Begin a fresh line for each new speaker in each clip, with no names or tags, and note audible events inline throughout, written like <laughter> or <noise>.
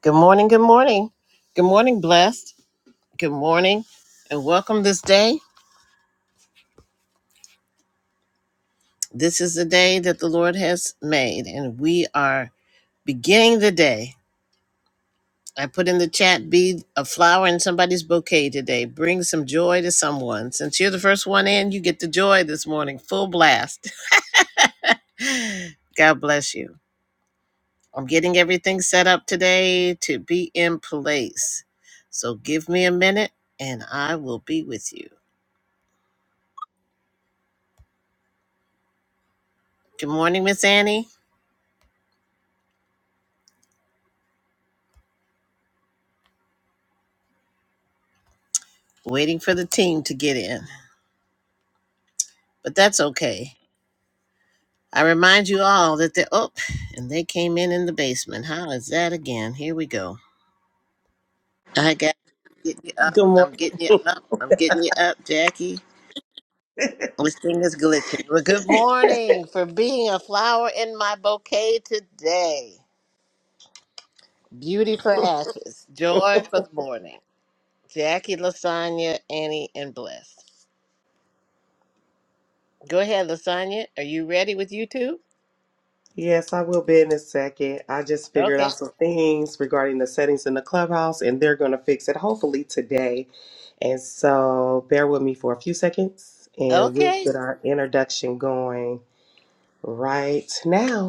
Good morning. Good morning. Good morning, blessed. Good morning, and welcome this day. This is the day that the Lord has made, and we are beginning the day. I put in the chat be a flower in somebody's bouquet today. Bring some joy to someone. Since you're the first one in, you get the joy this morning, full blast. <laughs> God bless you. I'm getting everything set up today to be in place. So give me a minute and I will be with you. Good morning, Miss Annie. waiting for the team to get in. But that's okay. I remind you all that they oh, and they came in in the basement. How is that again? Here we go. I got get you up.
Good
I'm
morning.
getting you up. I'm getting you up, Jackie. This thing is glitching. Well, good morning for being a flower in my bouquet today. Beauty for ashes, joy for the morning. Jackie, Lasagna, Annie, and Bless. Go ahead, Lasagna. Are you ready with you two?
Yes, I will be in a second. I just figured
Okay.
out some things regarding the settings in the clubhouse, and they're going to fix it hopefully today. And so bear with me for a few seconds, and we'll
Okay.
get our introduction going right now.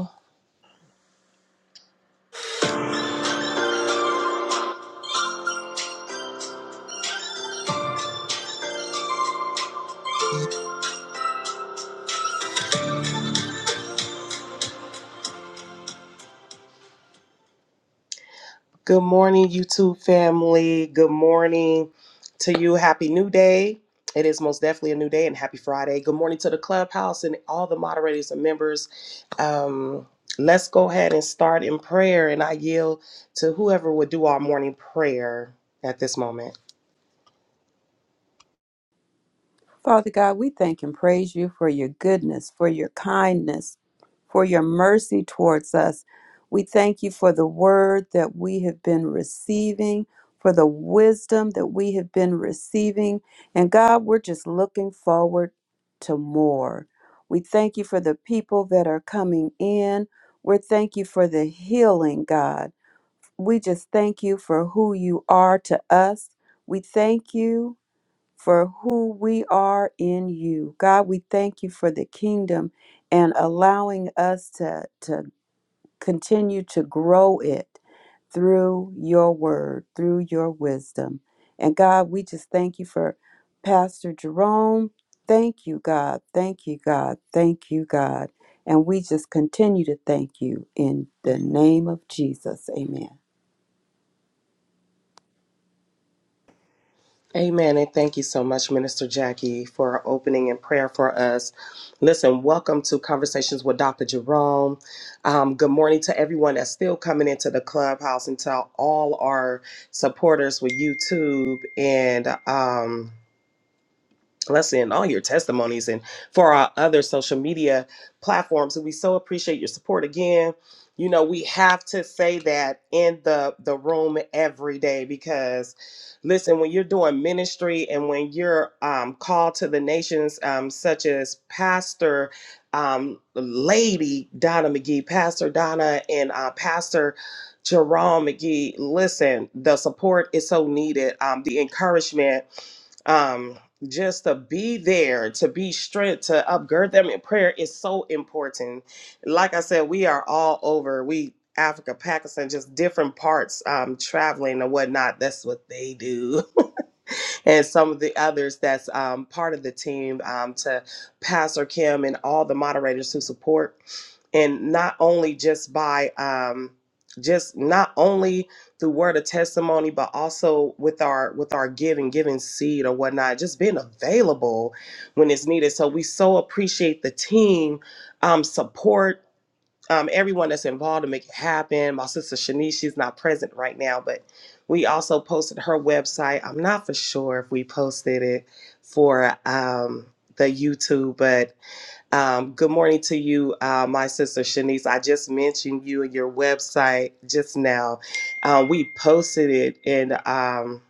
Good morning, YouTube family. Good morning to you. Happy new day. It is most definitely a new day and happy Friday. Good morning to the clubhouse and all the moderators and members. Um, let's go ahead and start in prayer, and I yield to whoever would do our morning prayer at this moment.
Father God, we thank and praise you for your goodness, for your kindness, for your mercy towards us. We thank you for the word that we have been receiving, for the wisdom that we have been receiving. And God, we're just looking forward to more. We thank you for the people that are coming in. We thank you for the healing, God. We just thank you for who you are to us. We thank you for who we are in you. God, we thank you for the kingdom and allowing us to, to continue to grow it through your word, through your wisdom. And God, we just thank you for Pastor Jerome. Thank you, God. Thank you, God. Thank you, God. And we just continue to thank you in the name of Jesus. Amen.
Amen. And thank you so much, Minister Jackie, for opening in prayer for us. Listen, welcome to Conversations with Dr. Jerome. Um, good morning to everyone that's still coming into the clubhouse and to all our supporters with YouTube and. Um, Let's and all your testimonies and for our other social media platforms. we so appreciate your support again. You know, we have to say that in the the room every day because listen, when you're doing ministry and when you're um called to the nations, um, such as Pastor um Lady Donna McGee, Pastor Donna and uh Pastor Jerome McGee, listen, the support is so needed. Um, the encouragement. um, just to be there, to be strength, to upgird them in prayer is so important. Like I said, we are all over. We Africa, Pakistan, just different parts, um, traveling and whatnot. That's what they do. <laughs> and some of the others that's um, part of the team, um, to Pastor Kim and all the moderators who support and not only just by um just not only through word of testimony but also with our with our giving giving seed or whatnot just being available when it's needed so we so appreciate the team um support um, everyone that's involved to make it happen. My sister Shanice, she's not present right now, but we also posted her website. I'm not for sure if we posted it for um, the YouTube, but um, good morning to you, uh, my sister Shanice. I just mentioned you and your website just now. Uh, we posted it in. Um,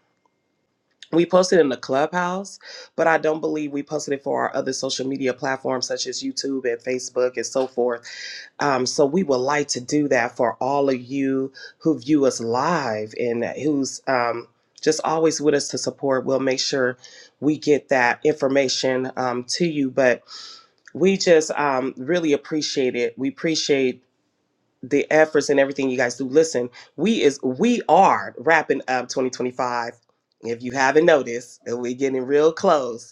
we posted it in the clubhouse, but I don't believe we posted it for our other social media platforms such as YouTube and Facebook and so forth. Um, so we would like to do that for all of you who view us live and who's um, just always with us to support. We'll make sure we get that information um, to you. But we just um, really appreciate it. We appreciate the efforts and everything you guys do. Listen, we is we are wrapping up 2025. If you haven't noticed, we're getting real close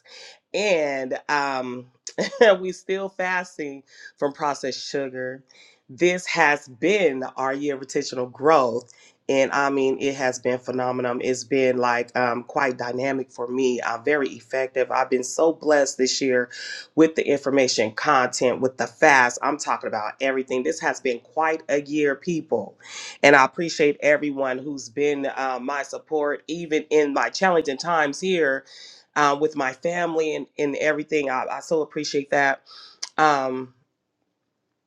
and um, <laughs> we still fasting from processed sugar. This has been our year of intentional growth, and I mean it has been phenomenal. It's been like um, quite dynamic for me. Uh, very effective. I've been so blessed this year with the information, content, with the fast. I'm talking about everything. This has been quite a year, people, and I appreciate everyone who's been uh, my support, even in my challenging times here um, with my family and, and everything. I, I so appreciate that. Um,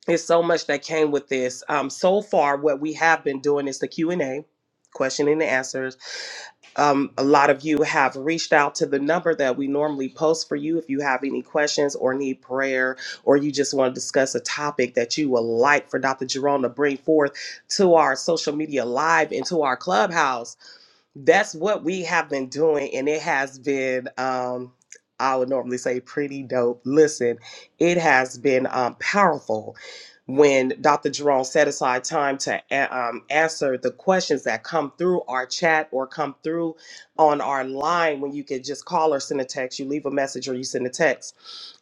there's so much that came with this. Um, so far, what we have been doing is the Q and A, question and answers. Um, a lot of you have reached out to the number that we normally post for you if you have any questions or need prayer, or you just want to discuss a topic that you would like for Dr. Jerome to bring forth to our social media live and to our clubhouse that's what we have been doing and it has been um i would normally say pretty dope listen it has been um, powerful when dr jerome set aside time to a- um, answer the questions that come through our chat or come through on our line when you can just call or send a text you leave a message or you send a text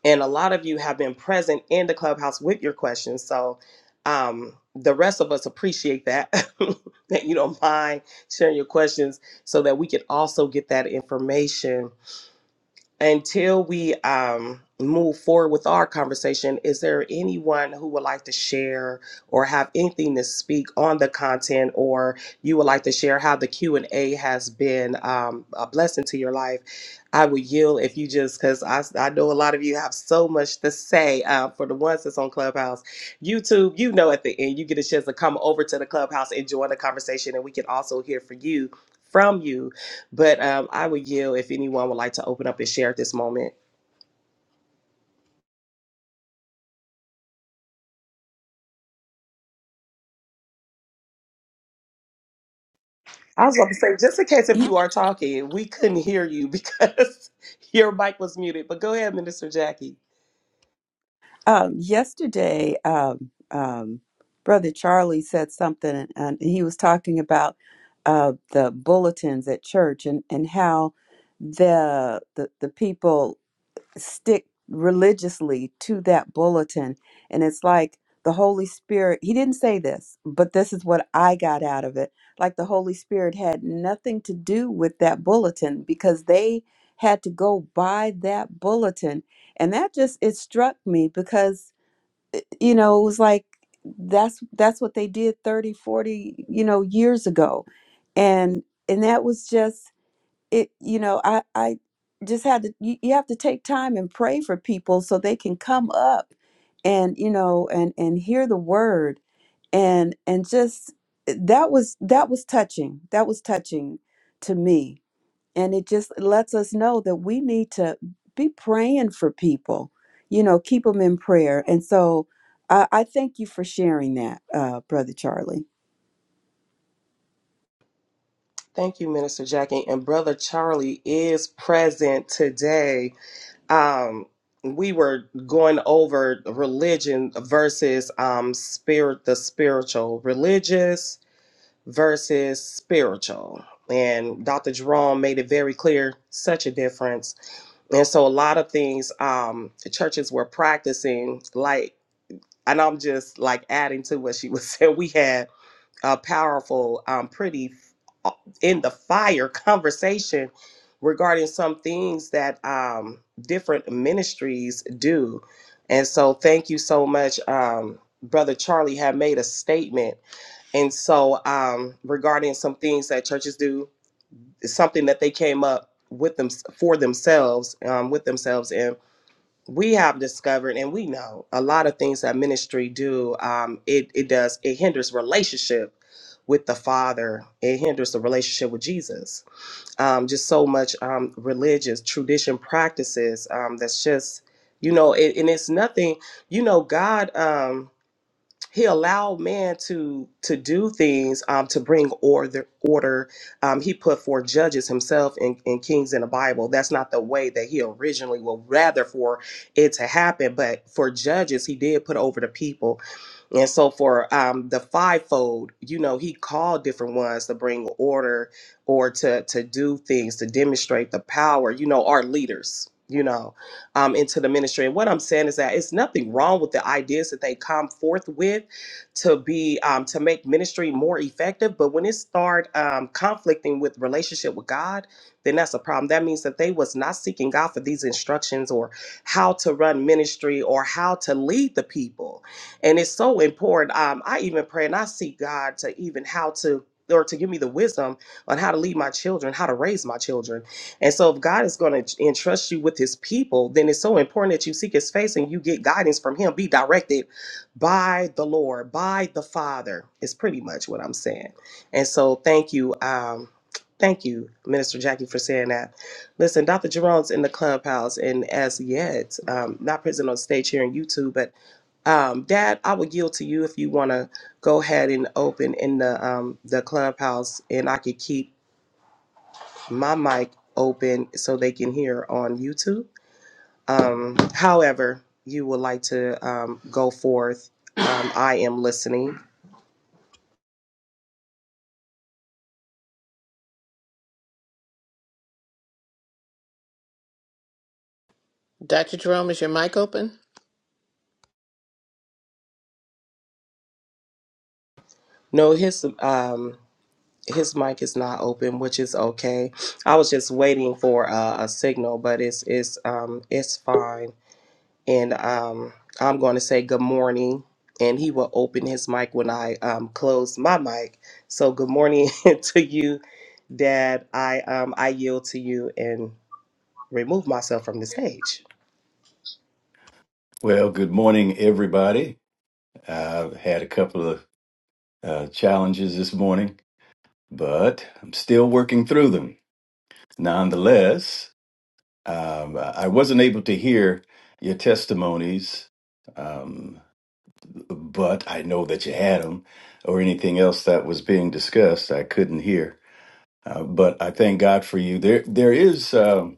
and a lot of you have been present in the clubhouse with your questions so um, the rest of us appreciate that <laughs> that you don't mind sharing your questions so that we can also get that information until we um, move forward with our conversation, is there anyone who would like to share or have anything to speak on the content, or you would like to share how the Q and A has been um, a blessing to your life? I would yield if you just because I, I know a lot of you have so much to say. Uh, for the ones that's on Clubhouse, YouTube, you know, at the end you get a chance to come over to the Clubhouse and join the conversation, and we can also hear from you from you but um, I would yield if anyone would like to open up and share at this moment. I was about to say, just in case if
You
you are talking, we couldn't hear you because <laughs> your mic was muted. But go ahead, Minister Jackie.
Um, yesterday, um, um, Brother Charlie said something, and, and he was talking about uh, the bulletins at church and, and how the, the the people stick religiously to that bulletin. And it's like the Holy Spirit, he didn't say this, but this is what I got out of it. Like the Holy Spirit had nothing to do with that bulletin because they had to go by that bulletin. And that just, it struck me because, you know, it was like, that's that's what they did 30, 40, you know years ago and and that was just it you know i i just had to you, you have to take time and pray for people so they can come up and you know and and hear the word and and just eh, that was that was touching that was touching to me and it just lets us know that we need to be praying for people you know keep them in prayer and so i i thank you for sharing that uh brother charlie
Thank you, Minister Jackie. And Brother Charlie is present today. Um, we were going over religion versus um, spirit, the spiritual, religious versus spiritual. And Dr. Jerome made it very clear such a difference. And so a lot of things um the churches were practicing like and I'm just like adding to what she was <laughs> saying. We had a powerful, um, pretty uh, in the fire <laughs> conversation regarding some things that um, different ministries do. And so, thank you so much. Um, Brother Charlie had made a statement and so, um, regarding some things that churches do, it's something that they came up with them for themselves, um, with themselves. And we have discovered, and we know a lot of things that ministry do. Um, it it does it hinders relationship with the Father. It hinders the relationship with Jesus. Um, just so much um, religious tradition practices. Um, that's just you know, it, and it's nothing. You know, God. Um, he allowed man to to do things um, to bring order order um, he put for judges himself and, and kings in the bible that's not the way that he originally would rather for it to happen but for judges he did put over the people and so for um, the fivefold you know he called different ones to bring order or to to do things to demonstrate the power you know our leaders you know um, into the ministry. And what I'm saying is that it's nothing wrong with the ideas that they come forth with to be um, to make ministry more effective. But when it start um, conflicting with relationship with God, then that's a problem. That means that they was not seeking God for these instructions or how to run ministry or how to lead the people. And it's so important. Um, I even pray and I seek God to even how to or to give me the wisdom on how to lead my children, how to raise my children and so, if God is going to entrust you with His people, then it's so important that you seek His face and you get guidance from Him. Be directed by the Lord, by the Father. Is pretty much what I'm saying. And so, thank you, um, thank you, Minister Jackie, for saying that. Listen, Dr. Jerome's in the clubhouse, and as yet, um, not present on stage here on YouTube, but um, Dad, I would yield to you if you want to go ahead and open in the um, the clubhouse, and I could keep my mic open so they can hear on YouTube. Um, however, you would like to um, go forth, um, I am listening.
Dr. Jerome, is your mic open?
No, his um, his mic is not open, which is okay. I was just waiting for uh, a signal, but it's it's um, it's fine. And um, I'm going to say good morning, and he will open his mic when I um, close my mic. So good morning <laughs> to you, Dad. I um, I yield to you and. remove myself from the stage.
Well, good morning, everybody. I've had a couple of uh, challenges this morning, but I'm still working through them. Nonetheless, um, I wasn't able to hear your testimonies, um, but I know that you had them or anything else that was being discussed. I couldn't hear, uh, but I thank God for you. There, there is, um,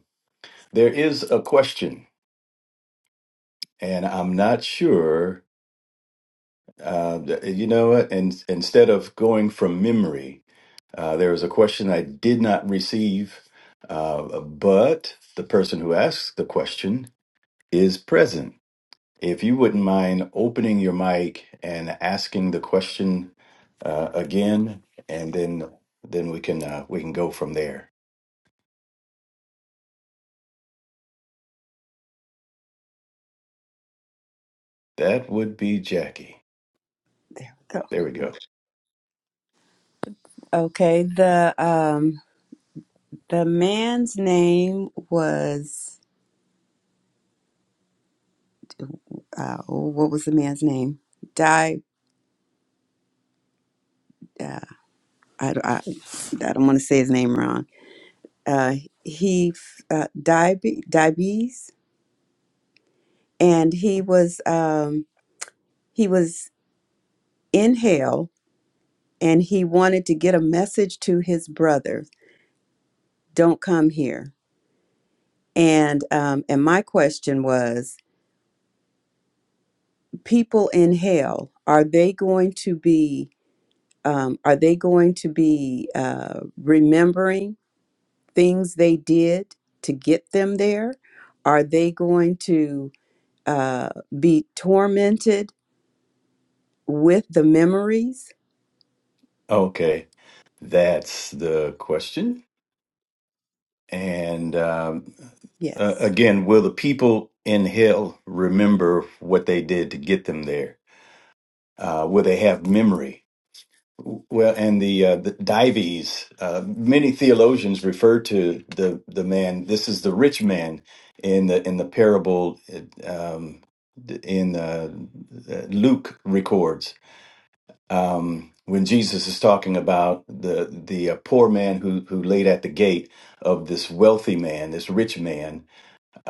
there is a question, and I'm not sure Uh, th- you know what? And instead of going from memory, uh, there was a question I did not receive, uh, uh, but the person who asks the question is present. If you wouldn't mind opening your mic and asking the question uh, again, and then then we can uh, we can go from there. That would be Jackie.
there we go
There we go.
okay the The man's name was uh, oh, what was the man's name? Di. Uh, I, I, I don't want to say his name wrong. Uh, he uh, Dibe- Dibes, and he was um, he was in hell, and he wanted to get a message to his brother: "Don't come here." And um, and my question was: People in hell are they going to be um, are they going to be uh, remembering? things they did to get them there? Are they going to uh, be tormented with the memories?
Okay, that's the question. And um, uh,
Yes.
again, will the people in hell remember what they did to get them there? Uh, will they have memory? Well, and the uh, the Dives, uh, many theologians refer to the the man. This is the rich man in the in the parable uh, um, in uh, uh, Luke records um, when Jesus is talking about the the uh, poor man who who laid at the gate of this wealthy man, this rich man,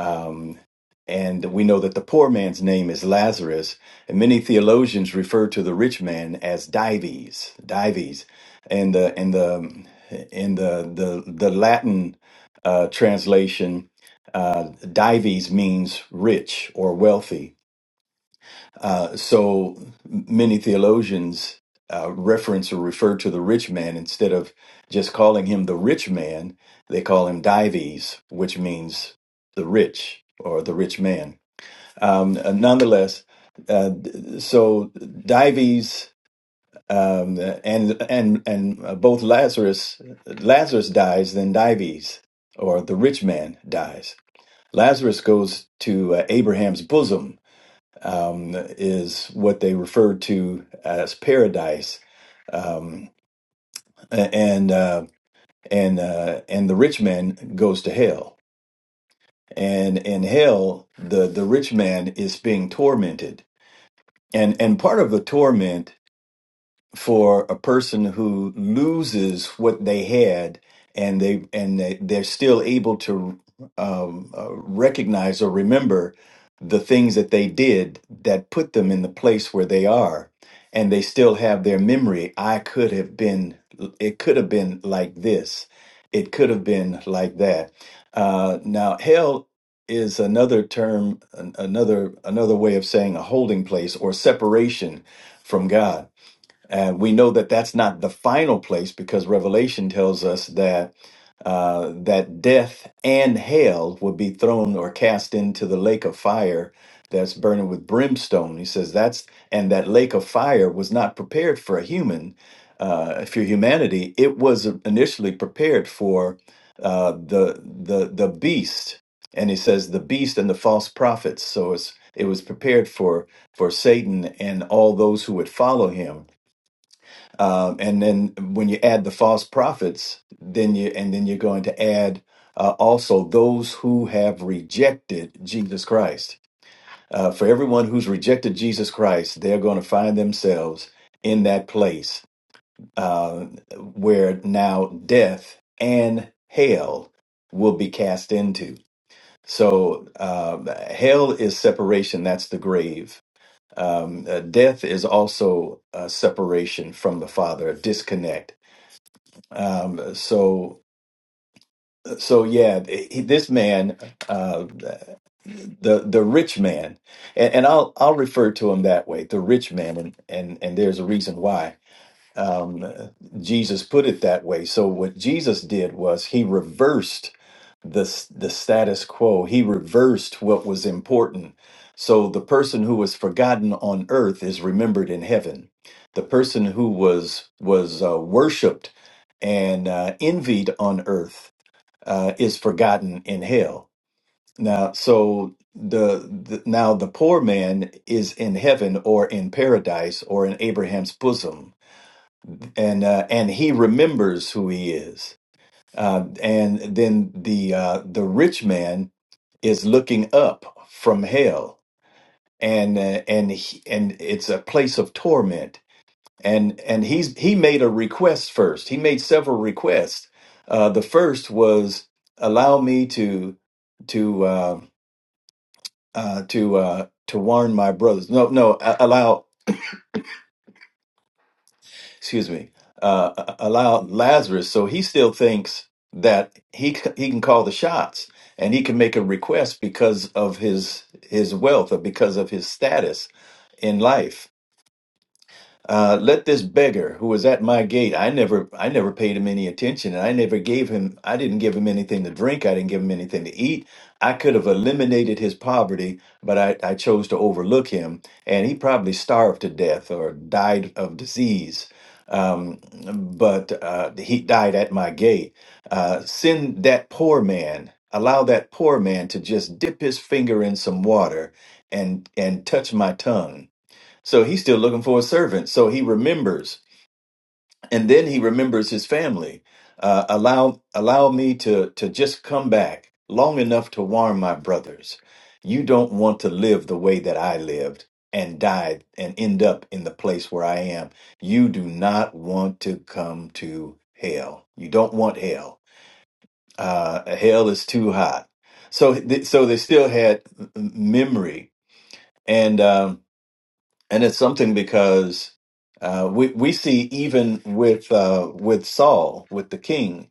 um, and we know that the poor man's name is Lazarus, and many theologians refer to the rich man as Dives, Dives, and the in the in the the, the Latin uh, translation, uh, Dives means rich or wealthy. Uh, so many theologians uh, reference or refer to the rich man instead of just calling him the rich man, they call him Dives, which means the rich or the rich man. Um, uh, nonetheless, uh, so Dives um, and and and uh, both Lazarus Lazarus dies, then Dives or the rich man dies. Lazarus goes to uh, Abraham's bosom um, is what they refer to as paradise, um, and uh, and uh, and the rich man goes to hell. And in hell, the the rich man is being tormented, and and part of the torment for a person who loses what they had and they and they, they're still able to um, uh, recognize or remember the things that they did that put them in the place where they are and they still have their memory i could have been it could have been like this it could have been like that uh, now hell is another term an- another another way of saying a holding place or separation from god uh, we know that that's not the final place because Revelation tells us that uh, that death and hell would be thrown or cast into the lake of fire that's burning with brimstone. He says that's and that lake of fire was not prepared for a human, uh, for humanity. It was initially prepared for uh, the the the beast, and he says the beast and the false prophets. So it's it was prepared for for Satan and all those who would follow him um, and then when you add the false prophets, then you and then you're going to add uh, also those who have rejected Jesus Christ. Uh, for everyone who's rejected Jesus Christ, they're going to find themselves in that place uh, where now death and hell will be cast into. So uh, hell is separation. That's the grave. Um, uh, death is also uh, separation from the Father, a disconnect um, so, so yeah, he, this man, uh, the the rich man, and, and I'll I'll refer to him that way, the rich man, and and and there's a reason why um, Jesus put it that way. So what Jesus did was he reversed the s- the status quo. He reversed what was important. So the person who was forgotten on earth is remembered in heaven. The person who was was uh, worshipped and uh, envied on earth uh, is forgotten in hell. Now, so the, the now the poor man is in heaven or in paradise or in Abraham's bosom and uh, and he remembers who he is. Uh, and then the uh, the rich man is looking up from hell, and uh, and he, and it's a place of torment. And and he's he made a request first. He made several requests. Uh, the first was allow me to to uh, uh, to uh, to warn my brothers. No, no, a- allow excuse me, uh, allow Lazarus. So he still thinks that he c- he can call the shots and he can make a request because of his his wealth or because of his status in life. Uh, let this beggar who was at my gate, I never, I never paid him any attention, and I never gave him, I didn't give him anything to drink, I didn't give him anything to eat. I could have eliminated his poverty, but I, I chose to overlook him, and he probably starved to death or died of disease. Um, but uh, he died at my gate. Uh, send that poor man, allow that poor man to just dip his finger in some water and and touch my tongue so he's still looking for a servant. So he remembers, and then he remembers his family. Uh, allow allow me to to just come back long enough to warn my brothers. You don't want to live the way that I lived and died and end up in the place where I am. You do not want to come to hell. You don't want hell. Uh, hell is too hot. So th- so they still had m- memory and. Um, and it's something because uh, we we see even with uh, with Saul with the king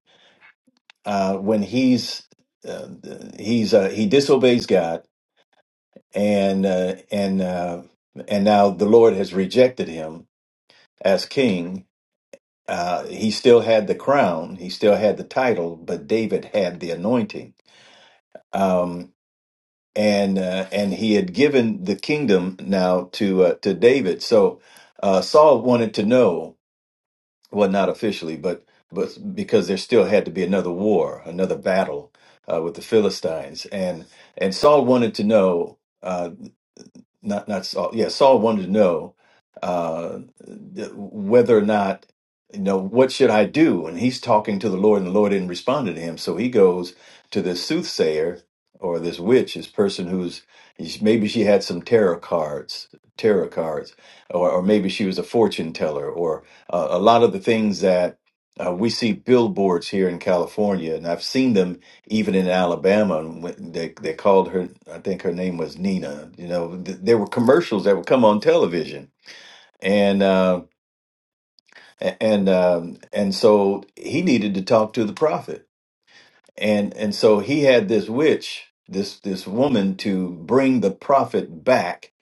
uh, when he's uh, he's uh, he disobeys God and uh, and uh, and now the Lord has rejected him as king. Uh, he still had the crown, he still had the title, but David had the anointing. Um, and uh, and he had given the kingdom now to uh, to David. So uh, Saul wanted to know. well, not officially, but but because there still had to be another war, another battle uh, with the Philistines, and and Saul wanted to know. uh, not not Saul. Yeah, Saul wanted to know uh, th- whether or not you know what should I do, and he's talking to the Lord, and the Lord didn't respond to him. So he goes to this soothsayer or this witch, this person who's maybe she had some tarot cards, tarot cards, or, or maybe she was a fortune teller, or uh, a lot of the things that. Uh, we see billboards here in California, and I've seen them even in Alabama, and when they they called her. I think her name was Nina. You know, th- there were commercials that would come on television, and uh, a- and um, and so he needed to talk to the prophet, and and so he had this witch, this this woman, to bring the prophet back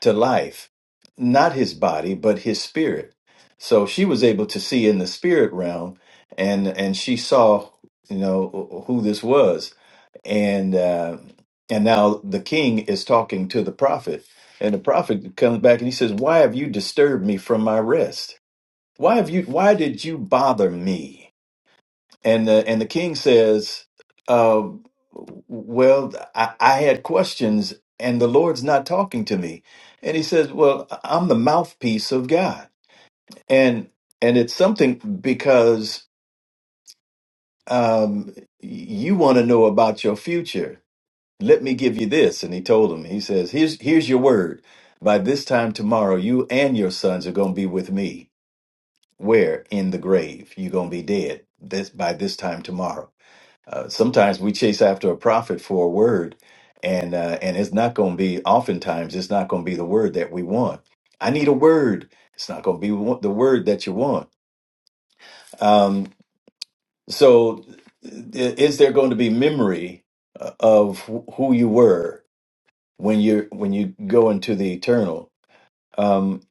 to life, not his body, but his spirit. So she was able to see in the spirit realm, and and she saw, you know, who this was and uh, and now the king is talking to the prophet, and the prophet comes back and he says, "Why have you disturbed me from my rest? Why have you? Why did you bother me?" And the, and the king says, uh, "Well, I, I had questions, and the Lord's not talking to me." And he says, "Well, I'm the mouthpiece of God, and and it's something because." Um, you want to know about your future let me give you this. And he told him, he says, here's, here's your word. By this time tomorrow, you and your sons are going to be with me. Where? In the grave. You're going to be dead this by this time tomorrow. Uh, sometimes we chase after a prophet for a word and, uh, and it's not going to be, oftentimes it's not going to be the word that we want. I need a word. It's not going to be wa- the word that you want. Um, so i- is there going to be memory uh, of wh- who you were? when you're when you go into the eternal um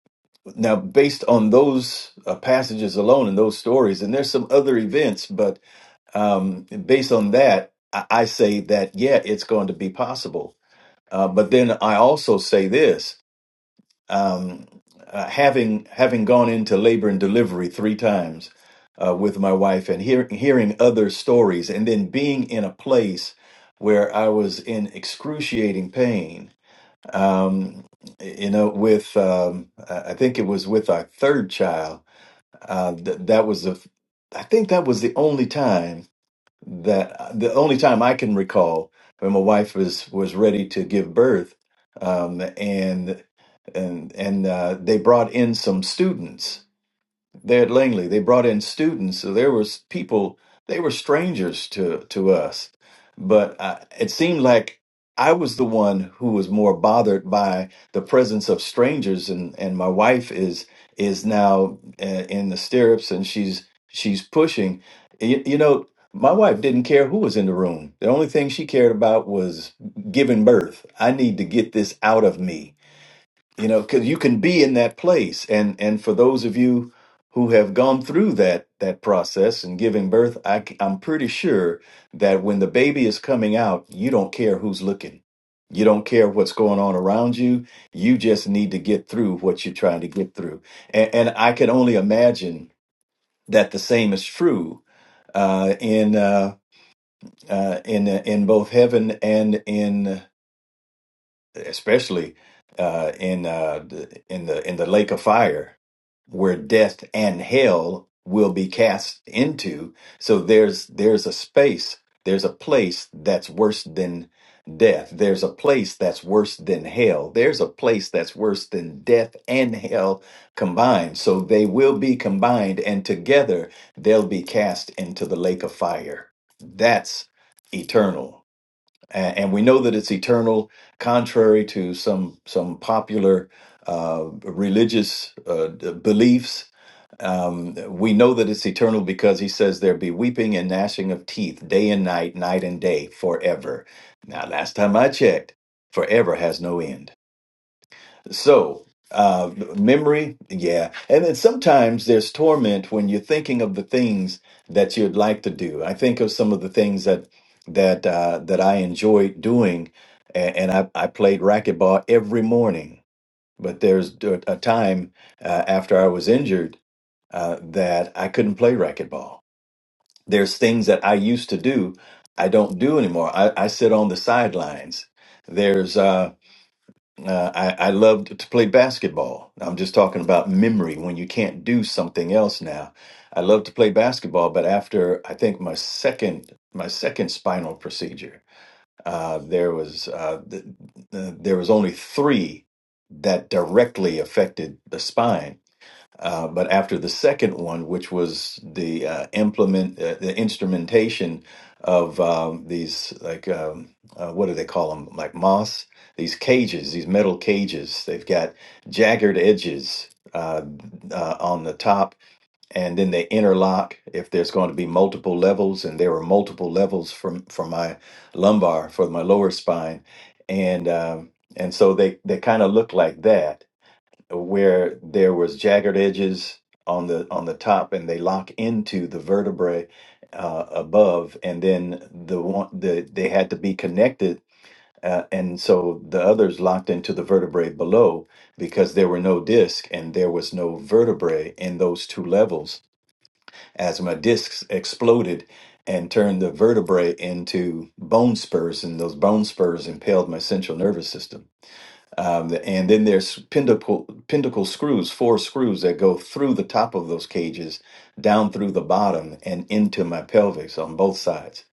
now based on those uh, passages alone and those stories and there's some other events but um based on that i, I say that yeah it's going to be possible uh, but then i also say this um uh, having having gone into labor and delivery three times uh, with my wife and hear, hearing other stories and then being in a place where i was in excruciating pain um, you know, with um, I I think it was with our third child. Uh, th- that was the, I think that was the only time that uh, the only time I can recall when my wife was was ready to give birth, um, and and and uh, they brought in some students there at Langley. They brought in students, so there was people. They were strangers to to us, but uh, it seemed like I was the one who was more bothered by the presence of strangers, and and my wife is is now uh, in the stirrups, and she's she's pushing. You, you know, my wife didn't care who was in the room. The only thing she cared about was giving birth. I need to get this out of me you know because you can be in that place and and for those of you who have gone through that that process and giving birth I, c- i'm pretty sure that when the baby is coming out you don't care who's looking you don't care what's going on around you you just need to get through what you're trying to get through and, and i can only imagine that the same is true uh, in uh, uh, in uh, in both heaven and in especially uh, in uh, the- in the in the lake of fire where death and hell will be cast into. So there's there's a space, there's a place that's worse than death. There's a place that's worse than hell. There's a place that's worse than death and hell combined. So they will be combined and together they'll be cast into the lake of fire. That's eternal and, and we know that it's eternal, contrary to some some popular uh, religious uh, d- beliefs. Um, we know that it's eternal because he says there be weeping and gnashing of teeth day and night, night and day, forever. Now, last time I checked, forever has no end. So, uh, memory, yeah. And then sometimes there's torment when you're thinking of the things that you'd like to do. I think of some of the things that that uh, that I enjoyed doing, and, and I, I played racquetball every morning. But there's a a time uh, after I was injured uh, that I couldn't play racquetball. There's things that I used to do I don't do anymore. I, I sit on the sidelines. There's uh, uh, I, I loved to play basketball. I'm just talking about memory when you can't do something else now. I love to play basketball, but after I think my second my second spinal procedure, uh, there was uh, th- th- there was only three that directly affected the spine uh, but after the second one, which was the uh, implement uh, the instrumentation of um, these like um, uh, what do they call them like moss these cages these metal cages they've got jagged edges uh, uh, on the top and then they interlock if there's going to be multiple levels and there were multiple levels from for my lumbar for my lower spine and um, and so they they kind of look like that where there was jagged edges on the on the top and they lock into the vertebrae uh, above and then the one the they had to be connected uh, and so the others locked into the vertebrae below because there were no disc and there was no vertebrae in those two levels as my discs exploded and turned the vertebrae into bone spurs and those bone spurs impaled my central nervous system um, and then there's pinnacle pinnacle screws, four screws that go through the top of those cages, down through the bottom, and into my pelvis on both sides.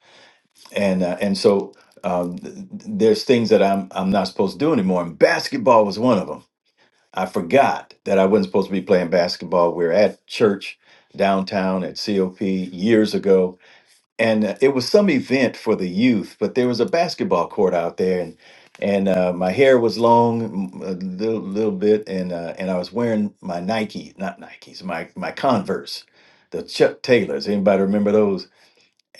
And uh, and so um, th- there's things that I'm I'm not supposed to do anymore. And basketball was one of them. I forgot that I wasn't supposed to be playing basketball. We were at church downtown at COP years ago, and uh, it was some event for the youth, but there was a basketball court out there, and and uh, my hair was long, mm, a little little bit, and uh, and I was wearing my Nike, not Nikes, my my Converse, the Chuck Taylors. Anybody remember those?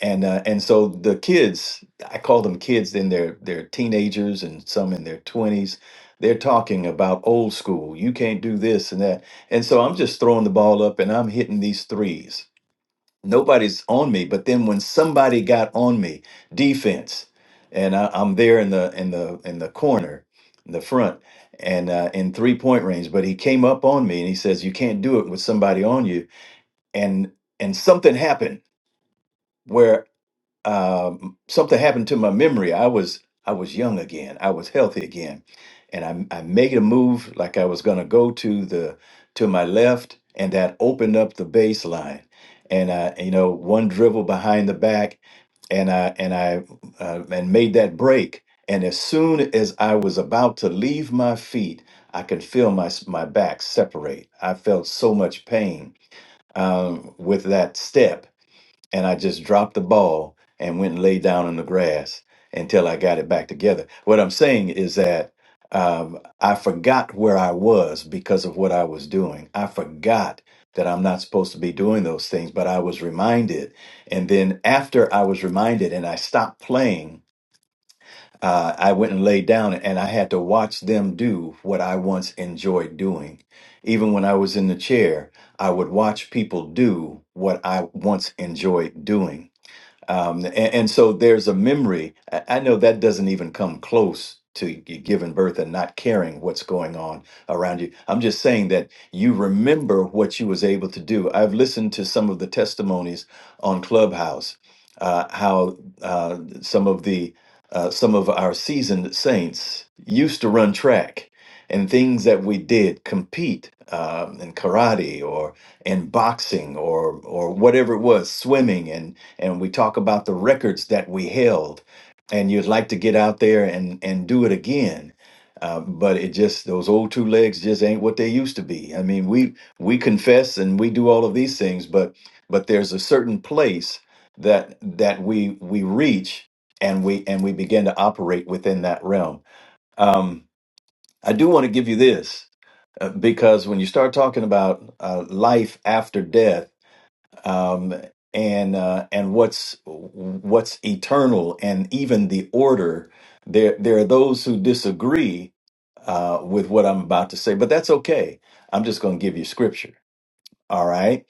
And uh, and so the kids, I call them kids, in their they're teenagers and some in their twenties. They're talking about old school. You can't do this and that. And so I'm just throwing the ball up and I'm hitting these threes nobody's on me but then when somebody got on me defense and I, i'm there in the in the in the corner in the front and uh, in three point range but he came up on me and he says you can't do it with somebody on you and and something happened where um, something happened to my memory. I was I was young again. I was healthy again, and I I made a move like I was gonna go to the to my left, and that opened up the baseline. And I, you know, one dribble behind the back, and I and I uh, and made that break. And as soon as I was about to leave my feet, I could feel my s- my back separate. I felt so much pain um, with that step and I just dropped the ball and went and laid down in the grass until I got it back together. What I'm saying is that um, I forgot where I was because of what I was doing. I forgot that I'm not supposed to be doing those things, but I was reminded. And then after I was reminded and I stopped playing, uh, I went and laid down and I had to watch them do what I once enjoyed doing. Even when I was in the chair, I would watch people do what I once enjoyed doing um, and, and so there's a memory. I, I know that doesn't even come close to you giving birth and not caring what's going on around you. I'm just saying that you remember what you was able to do. I've listened to some of the testimonies on Clubhouse, uh, how uh, some of the uh, some of our seasoned saints used to run track and things that we did compete um, in karate or in boxing or or whatever it was swimming and and we talk about the records that we held and you'd like to get out there and and do it again uh, but it just those old two legs just ain't what they used to be i mean we we confess and we do all of these things but but there's a certain place that that we we reach and we and we begin to operate within that realm Um, I do want to give you this uh, because when you start talking about uh, life after death um, and uh, and what's what's eternal and even the order, there there are those who disagree uh, with what I'm about to say, but that's okay. I'm just going to give you scripture. All right.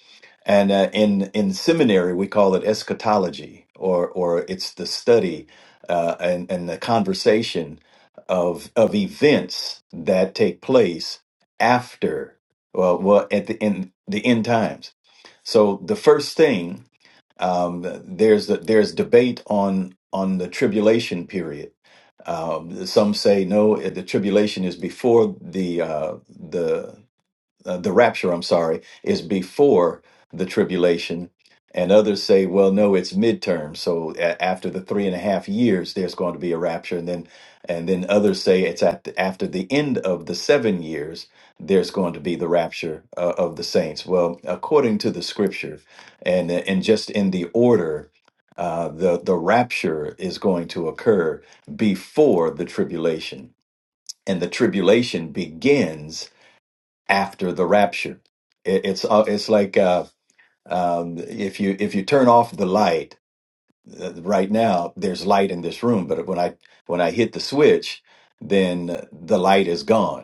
And uh, in in seminary, we call it eschatology, or or it's the study uh, and and the conversation of of events that take place after well, well at the end the end times. So the first thing um, there's the, there's debate on on the tribulation period. Um, some say no, the tribulation is before the uh, the uh, the rapture, I'm sorry, is before the tribulation. And others say, well, no, it's midterm. So a- after the three and a half years, there's going to be a rapture. And then, and then others say it's at the, after the end of the seven years, there's going to be the rapture uh, of the saints. Well, according to the scripture, and uh, and just in the order, uh, the the rapture is going to occur before the tribulation, and the tribulation begins after the rapture. It, it's uh, it's like uh, um, if you if you turn off the light uh, right now, there's light in this room, but when I when I hit the switch, then the light is gone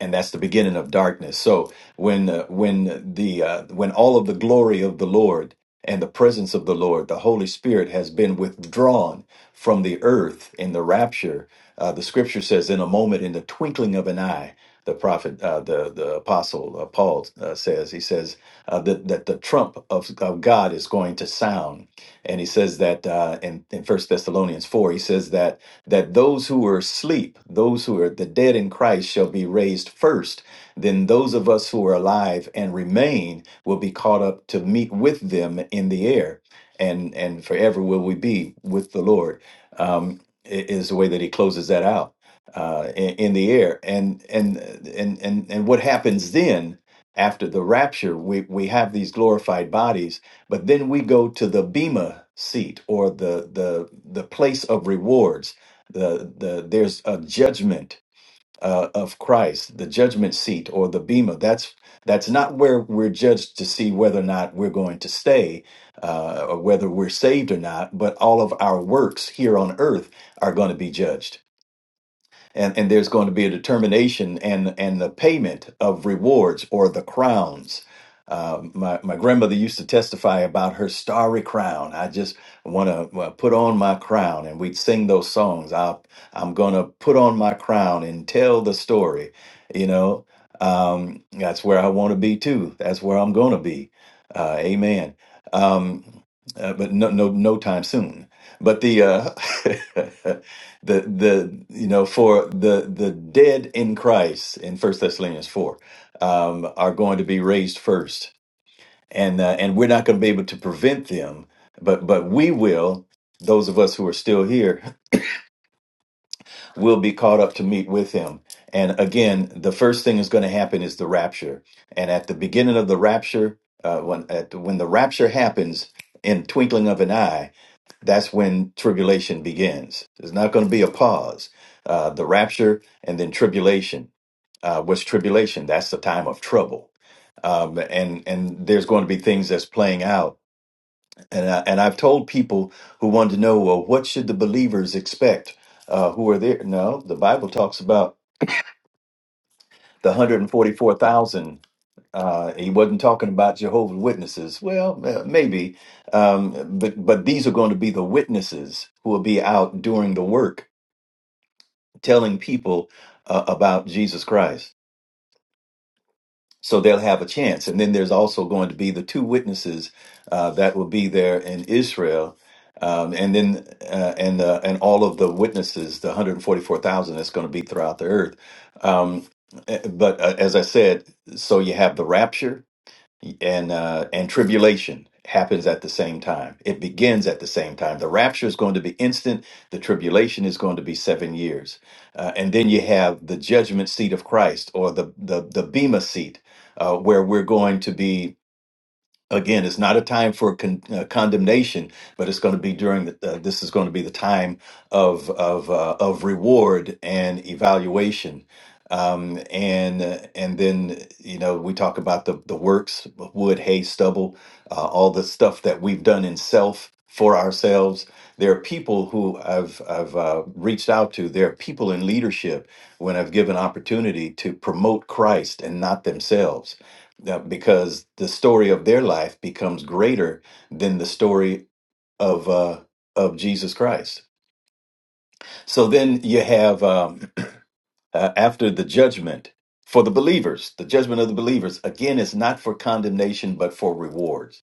and that's the beginning of darkness. So when uh, when the uh, when all of the glory of the Lord and the presence of the Lord, the Holy Spirit has been withdrawn from the earth in the rapture. Uh, the Scripture says, in a moment, in the twinkling of an eye, the prophet, uh, the the apostle uh, Paul uh, says. He says uh, that that the trump of, of God is going to sound, and he says that uh, in in First Thessalonians four, he says that that those who are asleep, those who are the dead in Christ, shall be raised first. Then those of us who are alive and remain will be caught up to meet with them in the air, and and forever will we be with the Lord. Um, i- is the way that he closes that out uh, in, in the air, and and and and and what happens then? after the rapture, we, we have these glorified bodies, but then we go to the bema seat or the the the place of rewards. The the there's a judgment uh, of Christ, the judgment seat or the bema. That's that's not where we're judged to see whether or not we're going to stay, uh, or whether we're saved or not. But all of our works here on earth are going to be judged and, and there's going to be a determination and and the payment of rewards or the crowns. Uh, my my grandmother used to testify about her starry crown. I just want to uh, put on my crown, and we'd sing those songs. I I'm gonna put on my crown and tell the story. You know, um, that's where I want to be too. That's where I'm gonna be. Uh, amen. Um, uh, but no no no time soon. But the uh, <laughs> the the you know for the the dead in Christ in First Thessalonians four um, are going to be raised first, and uh, and we're not going to be able to prevent them, but but we will. Those of us who are still here <laughs> will be caught up to meet with him. And again, the first thing is going to happen is the rapture. And at the beginning of the rapture, uh, when at, when the rapture happens in twinkling of an eye, that's when tribulation begins. There's not going to be a pause. Uh, the rapture and then tribulation. Uh, what's tribulation? That's the time of trouble. Um, and and there's going to be things that's playing out. And I, and I've told people who want to know, well, what should the believers expect? Uh, who are there? No, the Bible talks about the 144,000. Uh, he wasn't talking about Jehovah's Witnesses. Well, uh, maybe, um, but but these are going to be the witnesses who will be out doing the work telling people uh, about Jesus Christ. So they'll have a chance. And then there's also going to be the two witnesses uh, that will be there in Israel. Um, and then uh, and uh, and all of the witnesses, the 144,000 that's going to be throughout the earth. Um, eh, but uh, as I said, so you have the rapture, and uh, and tribulation happens at the same time. It begins at the same time. The rapture is going to be instant. The tribulation is going to be seven years, uh, and then you have the judgment seat of Christ or the the the bema seat, uh, where we're going to be again it's not a time for con- uh, condemnation but it's going to be during the uh, this is going to be the time of of uh, of reward and evaluation um and uh, and then you know we talk about the the works wood hay stubble uh, all the stuff that we've done in self for ourselves there are people who I've I've uh, reached out to there are people in leadership when I've given opportunity to promote Christ and not themselves yeah, because the story of their life becomes greater than the story of uh, of Jesus Christ. So then you have um, <clears throat> uh, after the judgment for the believers, the judgment of the believers again is not for condemnation but for rewards.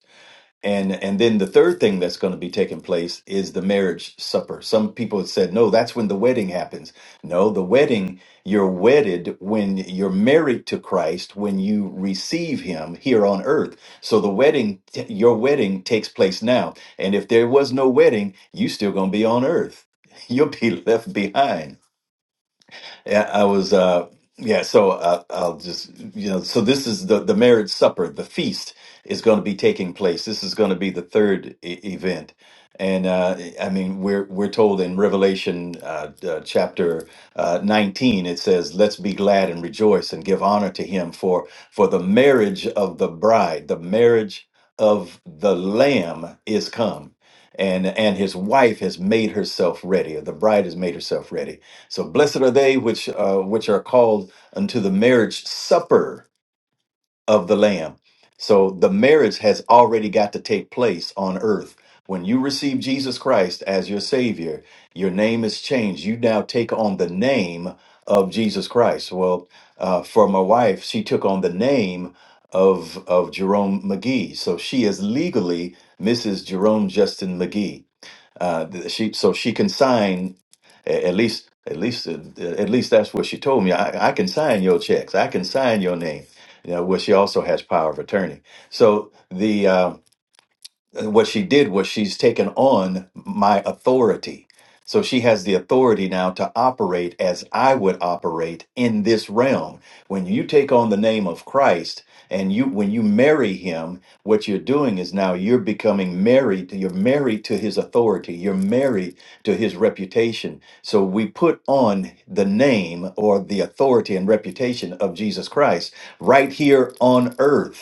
And and then the third thing that's going to be taking place is the marriage supper. Some people have said, no, that's when the wedding happens. No, the wedding, you're wedded when you're married to Christ, when you receive him here on earth. So the wedding, t- your wedding takes place now. And if there was no wedding, you still going to be on earth. <laughs> You'll be left behind. Yeah, I was. Uh, yeah, so uh, I'll just you know. So this is the the marriage supper. The feast is going to be taking place. This is going to be the third e event, and uh, I mean we're we're told in Revelation uh, uh, chapter uh, nineteen it says, "Let's be glad and rejoice and give honor to Him for for the marriage of the bride, the marriage of the Lamb is come." And, and his wife has made herself ready, or the bride has made herself ready so blessed are they which uh, which are called unto the marriage supper of the Lamb. So the marriage has already got to take place on earth. When you receive Jesus Christ as your Savior, your name is changed. You now take on the name of Jesus Christ. Well, uh, for my wife, she took on the name of of Jerome McGee. So she is legally Mrs. Jerome Justin McGee. Uh, th- she so she can sign a- at least at least uh, at least that's what she told me. I, I can sign your checks. I can sign your name. You know, where she also has power of attorney. So the uh, and what she did was she's taken on my authority. So she has the authority now to operate as I would operate in this realm. When you take on the name of Christ and you when you marry him, what you're doing is now you're becoming married, you're married to his authority, you're married to his reputation. So we put on the name or the authority and reputation of Jesus Christ right here on earth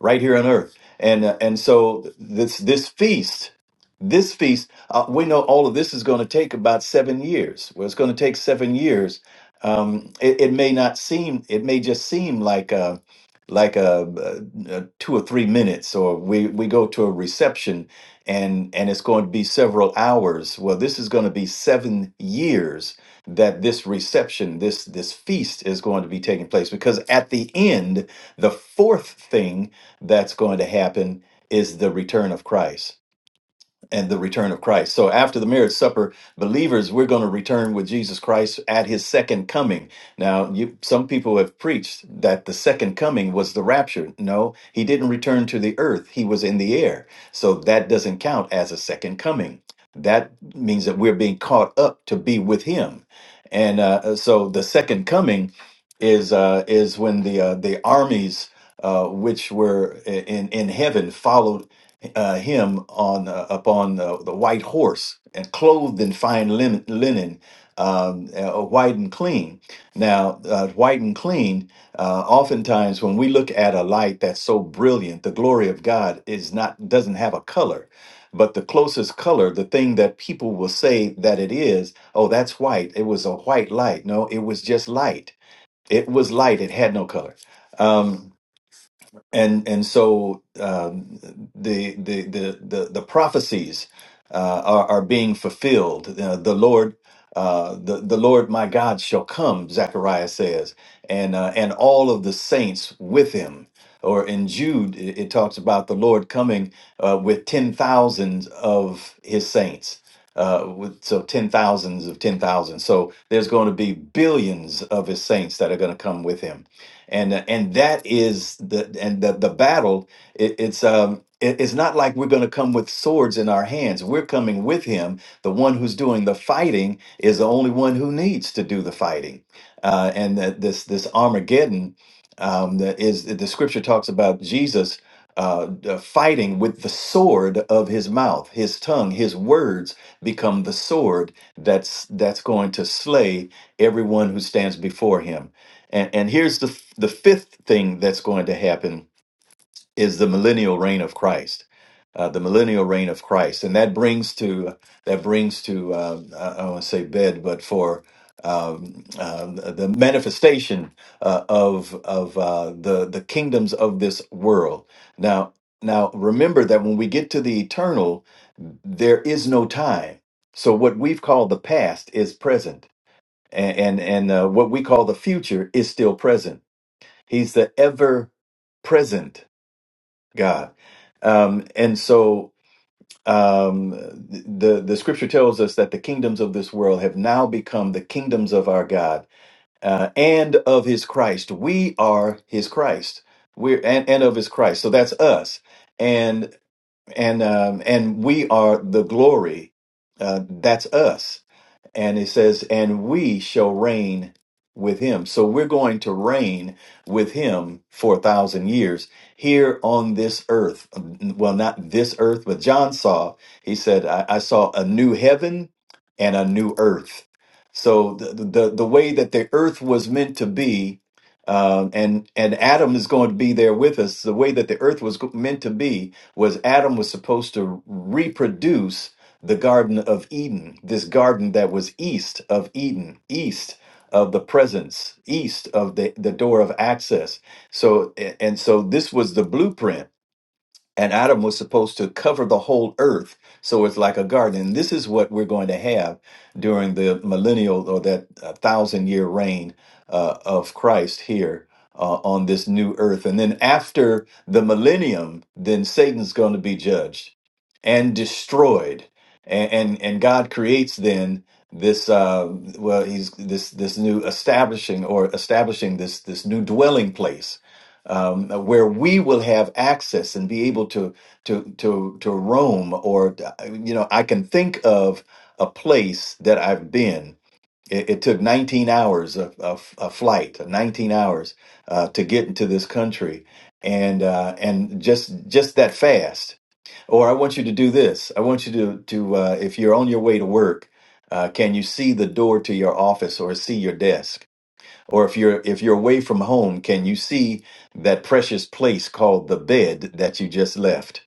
right here on earth. And uh, and so this this feast, this feast, uh, we know all of this is going to take about seven years. Well, it's going to take seven years. Um, it, it may not seem, it may just seem like a like a, uh uh two or three minutes, or we we go to a reception and and it's going to be several hours. Well, this is going to be seven years that this reception, this this feast is going to be taking place because at the end the fourth thing that's going to happen is the return of Christ and the return of Christ. So after the marriage supper, believers, we're going to return with Jesus Christ at his second coming. Now, you, some people have preached that the second coming was the rapture. No, he didn't return to the earth. He was in the air. So that doesn't count as a second coming. That means that we're being caught up to be with him. And uh, uh, so the second coming is uh, is when the uh, the armies uh, which were in in heaven followed uh, him on uh, upon the, the white horse and clothed in fine linen, linen um, uh, white and clean. Now, uh, white and clean, uh, oftentimes when we look at a light that's so brilliant, the glory of God is not doesn't have a color. But the closest color, the thing that people will say that it is, oh, that's white. It was a white light. No, it was just light. It was light. It had no color. Um, and and so um, the, the the the the prophecies uh, are are being fulfilled. Uh, the Lord, uh, the the Lord, my God, shall come. Zechariah says, and uh, and all of the saints with him. Or in Jude, it, it talks about the Lord coming uh, with ten thousands of his saints. Uh, with, so ten thousands of ten thousands. So there's going to be billions of his saints that are going to come with him and uh, and that is the and the the battle. It, it's um it- it's not like we're going to come with swords in our hands. We're coming with Him. The one who's doing the fighting is the only one who needs to do the fighting. Uh, and that this this Armageddon um, that is the Scripture talks about Jesus. Uh, uh, fighting with the sword of his mouth, his tongue, his words become the sword that's that's going to slay everyone who stands before him. And, and here's the, f- the fifth thing that's going to happen is the millennial reign of Christ. Uh, the millennial reign of Christ, and that brings to that brings to uh, I I don't want to say bed, but for um, uh, the manifestation uh, of of uh, the the kingdoms of this world. Now, now remember that when we get to the eternal, there is no time. So what we've called the past is present, and and, and uh, what we call the future is still present He's the ever present God. Um, and so um, the, the scripture tells us that the kingdoms of this world have now become the kingdoms of our God uh, and of his Christ. We are his Christ. We're, and, and of his Christ. So that's us. And, and, um, and we are the glory. Uh, that's us. And it says, and we shall reign with him. So we're going to reign with him for a thousand years here on this earth. Well, not this earth, but John saw, he said, I, I saw a new heaven and a new earth. So the, the, the way that the earth was meant to be, um, and and Adam is going to be there with us. The way that the earth was go- meant to be was Adam was supposed to reproduce the Garden of Eden, this garden that was east of Eden, east of the presence, east of the, the door of access. So, a- and so this was the blueprint and Adam was supposed to cover the whole earth. So it's like a garden. And this is what we're going to have during the millennial or that uh, thousand year reign uh, of Christ here uh, on this new earth. And then after the millennium, then Satan's going to be judged and destroyed. And, and, and God creates then this uh well he's this this new establishing or establishing this this new dwelling place um, where we will have access and be able to to to to roam. Or you know, I can think of a place that I've been. It, it took 19 hours of, of a flight, 19 hours uh, to get into this country, and uh, and just just that fast. Or I want you to do this. I want you to to uh, if you're on your way to work, uh, can you see the door to your office or see your desk? Or if you're if you're away from home, can you see that precious place called the bed that you just left?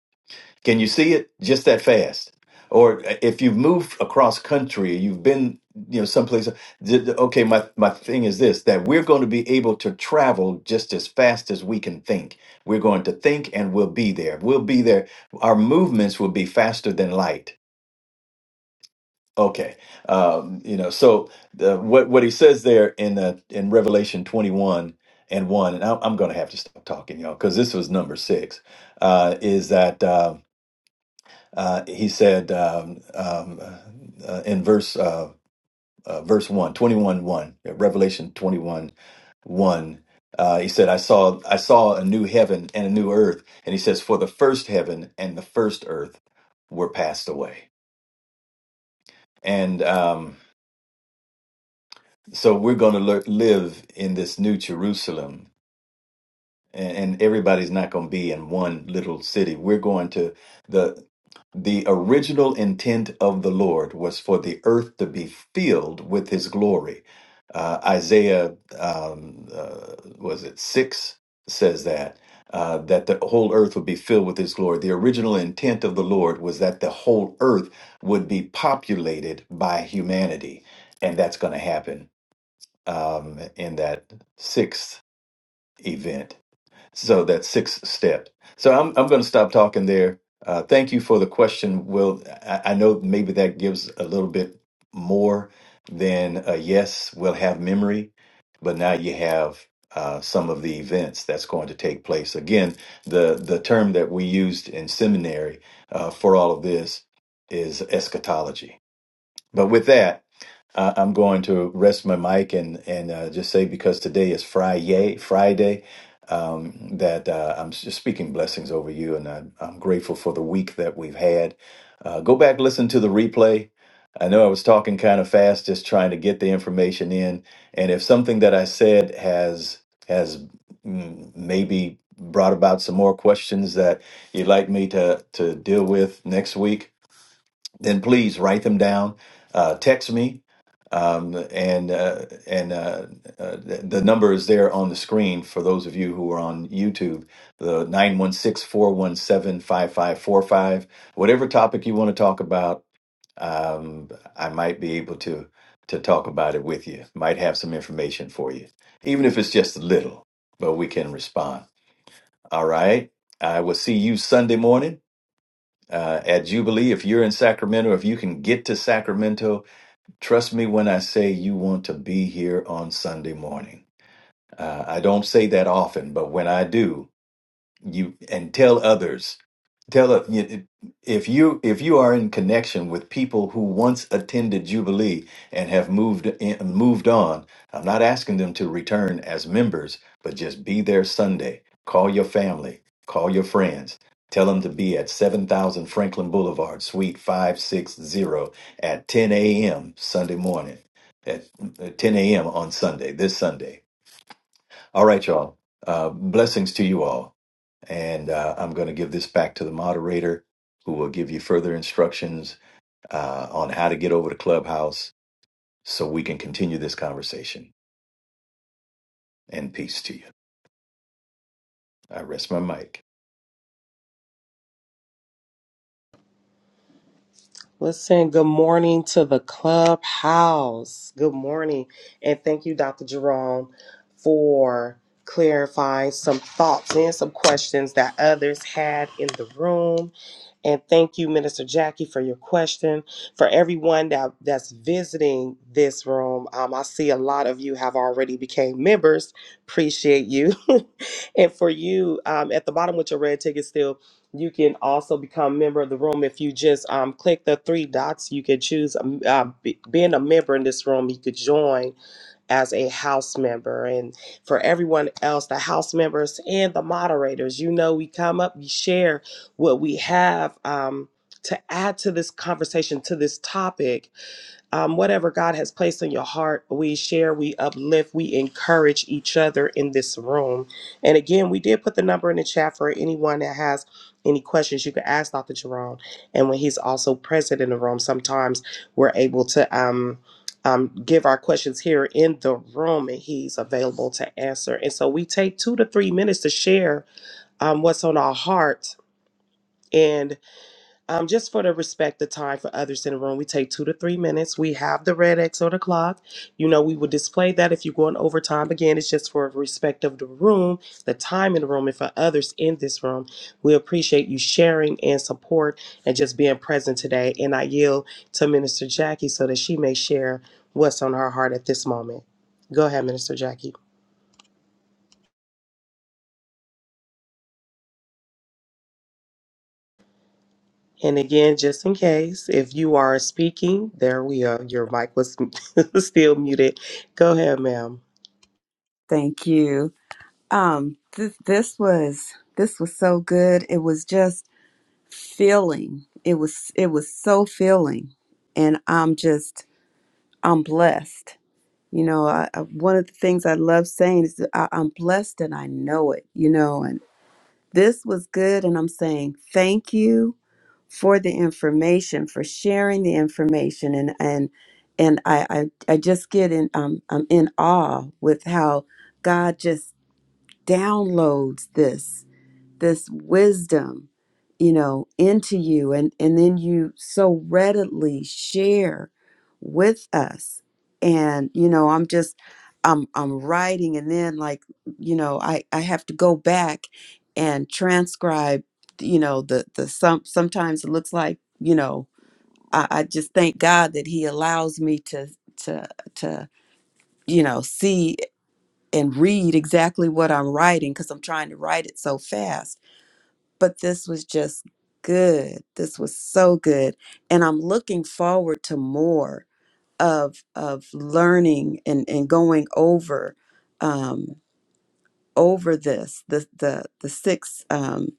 Can you see it just that fast? Or uh, if you've moved across country, you've been you know someplace. d- d- Okay, my my thing is this: that we're going to be able to travel just as fast as we can think. We're going to think, and we'll be there. We'll be there. Our movements will be faster than light Okay. Um, you know, so the, what what he says there in the in Revelation 21 and 1, and I'm, I'm going to have to stop talking, y'all, because this was number six, uh, is that uh, uh, he said um, um, uh, in verse uh, uh, verse one 21 1, Revelation 21 1 uh, he said i saw i saw a new heaven and a new earth and he says for the first heaven and the first earth were passed away and um, So we're going to le- live in this new Jerusalem, and, and everybody's not going to be in one little city. We're going to the the original intent of the Lord was for the earth to be filled with His glory. Uh, Isaiah um, uh, was it six says that uh, that the whole earth would be filled with His glory. The original intent of the Lord was that the whole earth would be populated by humanity, and that's going to happen um, in that sixth event. So that sixth step. So I'm I'm going to stop talking there. Uh, thank you for the question, Will. I, I know maybe that gives a little bit more than a yes. We'll have memory, but now you have. Uh, some of the events that's going to take place. Again, the the term that we used in seminary uh, for all of this is eschatology. But with that, I- I'm going to rest my mic and and uh, just say because today is Friday, Friday, um, that uh, I'm just speaking blessings over you, and I, I'm grateful for the week that we've had. Uh, go back, listen to the replay. I know I was talking kind of fast, just trying to get the information in, and if something that I said has has mm, maybe brought about some more questions that you'd like me to to deal with next week then please write them down. Uh, text me, um, and uh, and uh, uh, the the number is there on the screen for those of you who are on YouTube. The nine one six four one seven five five four five. Whatever topic you want to talk about, um, I might be able to to talk about it with you. Might have some information for you, even if it's just a little, but we can respond. All right. I will see you Sunday morning uh, at Jubilee. If you're in Sacramento, if you can get to Sacramento, trust me when I say you want to be here on Sunday morning. Uh, I don't say that often, but when I do, you and tell others tell us you- if you if you are in connection with people who once attended jubilee and have moved in, moved on i'm not asking them to return as members but just be there sunday call your family call your friends tell them to be at 7000 franklin boulevard suite 560 at 10 a.m sunday morning at at 10 a.m on sunday this sunday all right y'all uh, blessings to you all and uh, I'm going to give this back to the moderator, who will give you further instructions uh, on how to get over to Clubhouse so we can continue this conversation. And peace to you. I rest my mic.
Listen, good morning to the clubhouse. Good morning. And thank you, Dr. Jerome, for clarifying some thoughts and some questions that others had in the room. And thank you, Minister Jackie, for your question. For everyone that, that's visiting this room, um, I see a lot of you have already became members. Appreciate you. <laughs> and for you, um, at the bottom with your red ticket still, you can also become member of the room if you just um, click the three dots. You can choose um, uh, be, being a member in this room. You could join as a house member. And for everyone else, the house members and the moderators, you know, we come up, we share what we have um, to add to this conversation, to this topic um, whatever God has placed in your heart, we share, we uplift, we encourage each other in this room. And again, we did put the number in the chat for anyone that has any questions you can ask Dr. Jerome. And when he's also present in the room, sometimes we're able to um, um, give our questions here in the room and he's available to answer. And so we take two to three minutes to share um, what's on our heart. And um, just for the respect the time for others in the room, we take two to three minutes. We have the red X or the clock. You know, we will display that if you're going over time. Again, it's just for respect of the room, the time in the room, and for others in this room. We appreciate you sharing and support and just being present today. And I yield to Minister Jackie so that she may share what's on her heart at this moment. Go ahead, Minister Jackie. And again, just in case, if you are speaking, there we are. Your mic was <laughs> still muted. Go ahead, ma'am.
Thank you. Um, th- this was this was so good. It was just filling. It was it was so filling, and I'm just I'm blessed. You know, I, I, one of the things I love saying is that I, I'm blessed and I know it. You know, and this was good, and I'm saying thank you for the information, for sharing the information, and and and I I, I just get in um I'm in awe with how God just downloads this this wisdom you know into you and and then you so readily share with us and you know i'm just i'm i'm writing and then like you know i i have to go back and transcribe you know the the some sometimes it looks like you know i, I just thank god that he allows me to to to you know see and read exactly what i'm writing because i'm trying to write it so fast but this was just good. This was so good. And I'm looking forward to more of of learning and, and going over um over this, the the the six um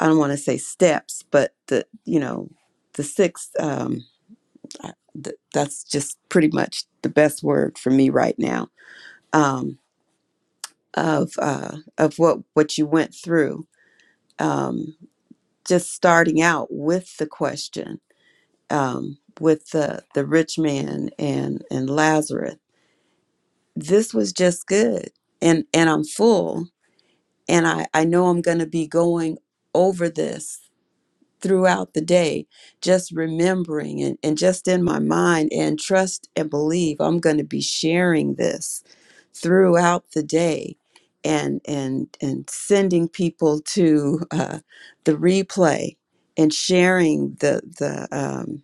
I don't want to say steps, but the you know, the six um I- th- that's just pretty much the best word for me right now. Um of uh of what what you went through. Um just starting out with the question um, with the the rich man and and Lazarus. This was just good, and and I'm full, and I I know I'm going to be going over this throughout the day, just remembering and and just in my mind and trust and believe I'm going to be sharing this throughout the day. And, and and sending people to uh, the replay and sharing the the um,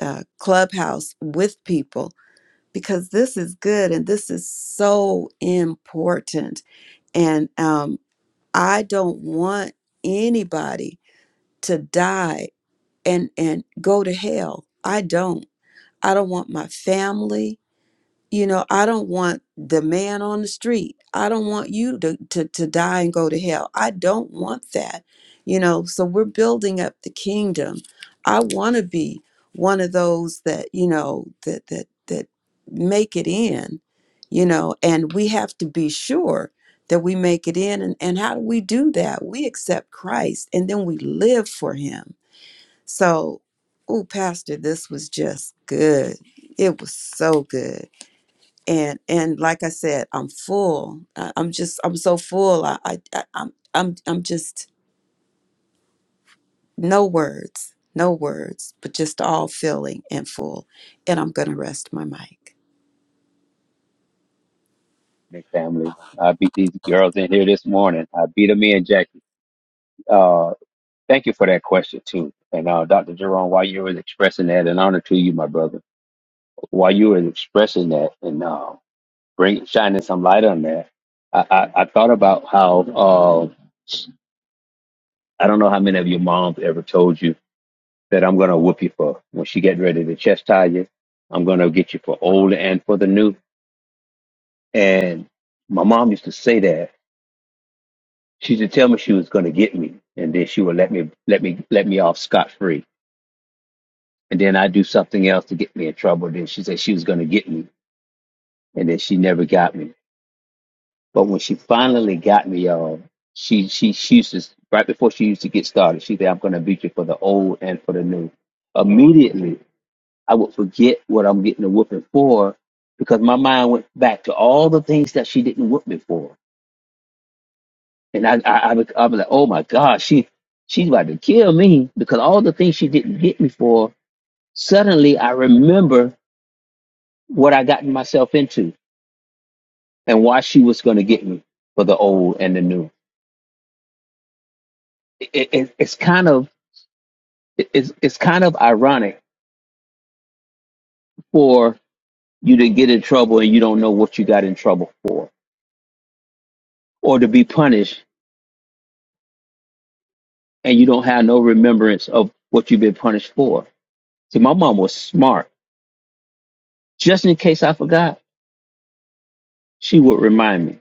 uh, clubhouse with people because this is good and this is so important. And um, I don't want anybody to die and and go to hell. I don't. I don't want my family you know i don't want the man on the street i don't want you to, to to die and go to hell i don't want that you know so we're building up the kingdom i want to be one of those that you know that that that make it in you know and we have to be sure that we make it in and, and how do we do that we accept christ and then we live for him so oh pastor this was just good it was so good and and like I said, I'm full. I, I'm just I'm so full. I, I I- I'm I'm I'm just no words, no words, but just all feeling and full. And I'm gonna rest my mic.
Nick family. I beat these girls in here this morning. I beat them in, Jackie. Uh, thank you for that question too. And uh, Dr. Jerome, while you were expressing that, an honor to you, my brother. While you were expressing that and uh, bring shining some light on that, I, I, I thought about how uh, I don't know how many of your moms ever told you that I'm gonna whoop you for when she get ready to chastise you. I'm gonna get you for old and for the new. And my mom used to say that She used to tell me she was going to get me, and then she would let me let me let me off scot free. And then I do something else to get me in trouble. Then she said she was going to get me, and then she never got me. But when she finally got me, y'all, she she she used to right before she used to get started, she said, "I'm going to beat you for the old and for the new." Immediately, I would forget what I'm getting a whooping for because my mind went back to all the things that she didn't whoop me for And I, I, I, was, I was like, oh my God, she, she's about to kill me because all the things she didn't hit me for, suddenly I remember what I gotten myself into and why she was going to get me for the old and the new. It, it, it's kind of, it- it's, it's kind of ironic for you to get in trouble and you don't know what you got in trouble for or to be punished and you don't have no remembrance of what you've been punished for. See, my mom was smart. Just in case I forgot, she would remind me.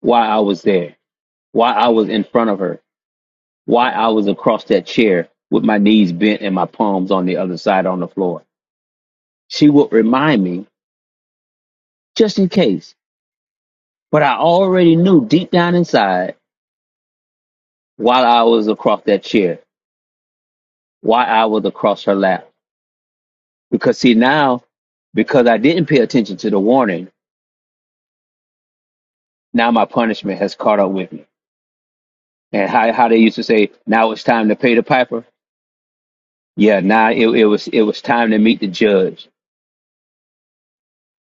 why I was there, why I was in front of her, why I was across that chair with my knees bent and my palms on the other side on the floor. She would remind me just in case, but I already knew deep down inside while I was across that chair, why I was across her lap. Because see now, because I didn't pay attention to the warning, now my punishment has caught up with me. And how, how they used to say, now it's time to pay the piper. Yeah, now it, it was it was time to meet the judge.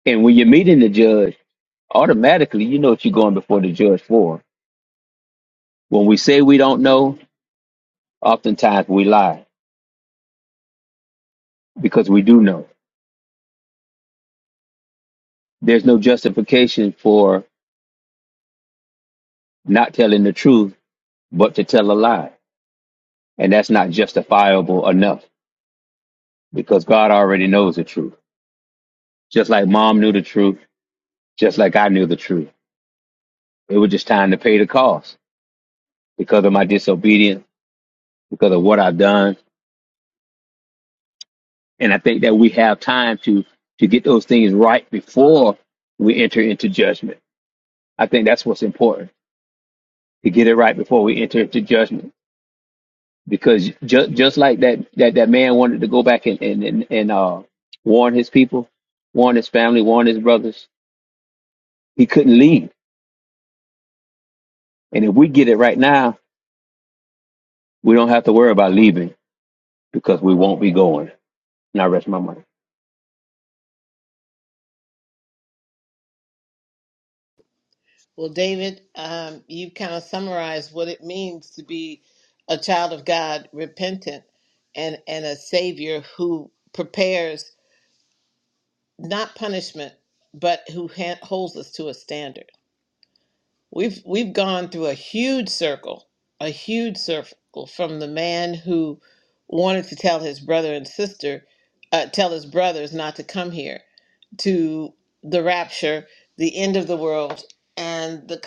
And when you're meeting the judge. automatically you know what you're going before the judge for when we say we don't know oftentimes we lie because we do know there's no justification for not telling the truth but to tell a lie and that's not justifiable enough because god already knows the truth just like mom knew the truth just like i knew the truth it was just time to pay the cost because of my disobedience because of what i've done and i think that we have time to to get those things right before we enter into judgment I think that's what's important to get it right before we enter into judgment. Because just just like that that that man wanted to go back and and and, and uh, warn his people, warn his family, warn his brothers, he couldn't leave. And if we get it right now, we don't have to worry about leaving because we won't be going. Now rest my mind.
Well, David, um, you kind of summarized what it means to be a child of God, repentant, and, and a savior who prepares not punishment, but who is to enter. We've we've gone through a huge circle, a huge circle from the man who wanted to tell his brother and sister, uh, tell his brothers not to come here, to the rapture, the end of the world, and the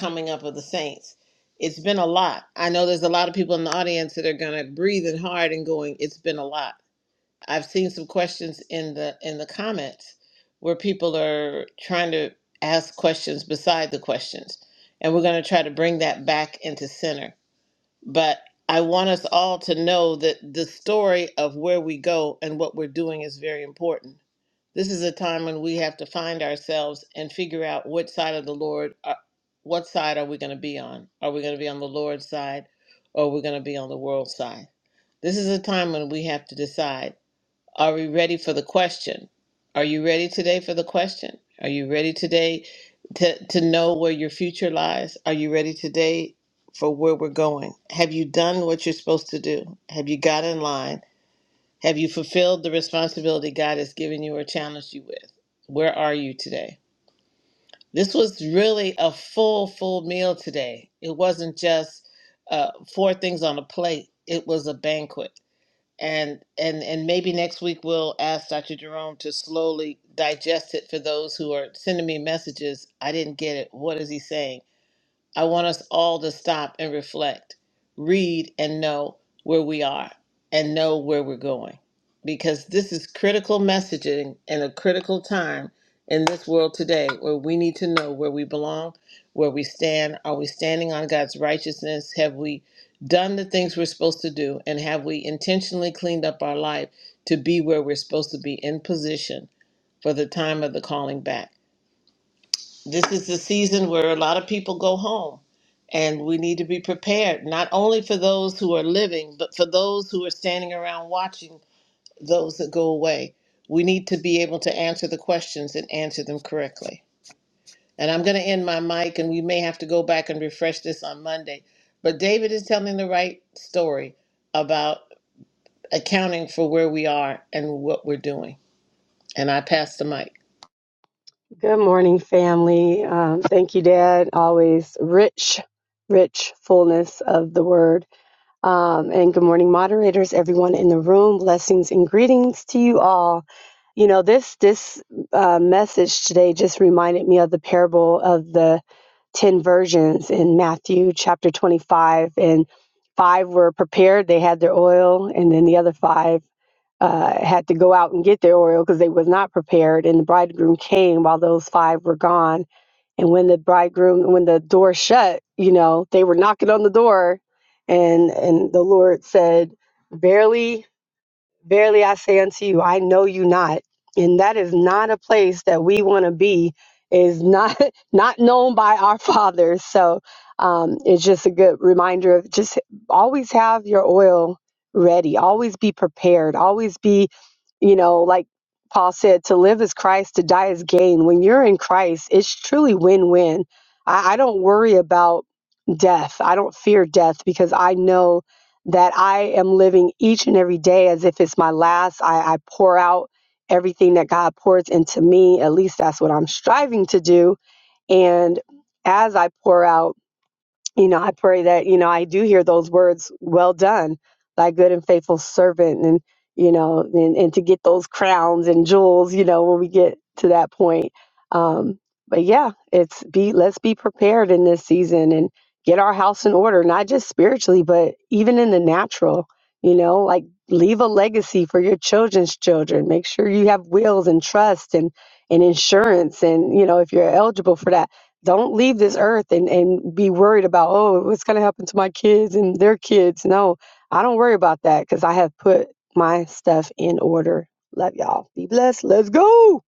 saints. It's been a lot. I know there's a lot of people in the audience that are gonna breathing hard and going, it's been a lot. I've seen some questions in the in the comments where people are trying to ask questions beside the questions. And we're gonna try to bring that back into center. But I want us all to know that the story of where we go and what we're doing is very important this is a time when we have to find ourselves and figure out what side of the Lord, uh, what side are we going to be on? Are we going to be on the Lord's side or are we going to be on the world's side? This is a time when we have to decide are we ready for the question? Are you ready today for the question? Are you ready today to, to know where your future lies? Are you ready today for where we're going? Have you done what you're supposed to do? Have you got in line? Have you fulfilled the responsibility God has given you or challenged you with? Where are you today? This was really a full, full meal today. It wasn't just uh, four things on a plate. It was a banquet. And and and maybe next week we'll ask Dr. Jerome to slowly digest it for those who are sending me messages. I didn't get it. What is he saying? I want us all to stop and reflect, read and know where we are and know where we're going. Because this is critical messaging and a critical time in this world today where we need to know where we belong, where we stand. Are we standing on God's righteousness? Have we done the things we're supposed to do? And have we intentionally cleaned up our life to be where we're supposed to be in position for the time of the calling back? this is the season where a lot of people go home and we need to be prepared not only for those who are living but for those who are standing around watching those that go away we need to be able to answer the questions and answer them correctly and i'm going to end my mic and we may have to go back and refresh this on monday but david is telling the right story about accounting for where we are and what we're doing and i pass the mic
Good morning, family. Um, thank you, Dad. Always rich, rich fullness of the word. Um, and good morning, moderators, everyone in the room. Blessings and greetings to you all. You know, this this uh, message today just reminded me of the parable of the ten virgins in Matthew chapter twenty-five, and five were prepared; they had their oil, and then the other five uh, had to go out and get their oil because they was not prepared. And the bridegroom came while those five were gone. And when the bridegroom, when the door shut, you know, they were knocking on the door, and and the Lord said, "Barely." Verily I say unto you, I know you not. And that is not a place that we want to be, is not <laughs> not known by our <laughs> fathers. So um, it's just a good reminder of just always have your oil ready, always be prepared, always be, you know, like Paul said, to live is Christ, to die is gain. When you're in Christ, it's truly win win. I, I don't worry about death. I don't fear death because I know that I am living each and every day as if it's my last. I, I pour out everything that God pours into me. At least that's what I'm striving to do. And as I pour out, you know, I pray that, you know, I do hear those words, well done, thy good and faithful servant. And, you know, and, and to get those crowns and jewels, you know, when we get to that point. Um, but yeah, it's be, let's be prepared in this season and get our house in order, not just spiritually, but even in the natural, you know, like leave a legacy for your children's children. Make sure you have wills and trust and, and insurance. And, you know, if you're eligible for that don't leave this earth and, and be worried about, oh, what's going to happen to my kids and their kids. No, I don't worry about that because I have put my stuff in order. Love y'all. Be blessed. Let's go.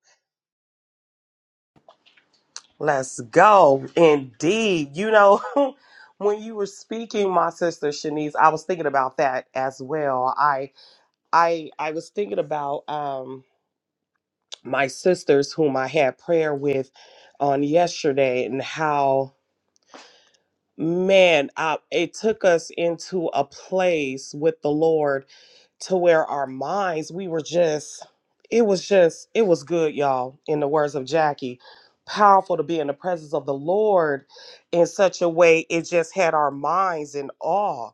Let's go. Indeed. You know, <laughs> when you were speaking, my sister Shanice, I was thinking about that as well. I I I was thinking about um my sisters whom I had prayer with on yesterday and how man, uh, it took us into a place with the Lord to where our minds, we were just, it was just, it was good, y'all, in the words of Jackie. Powerful to be in the presence of the Lord in such a way it just had our minds in awe.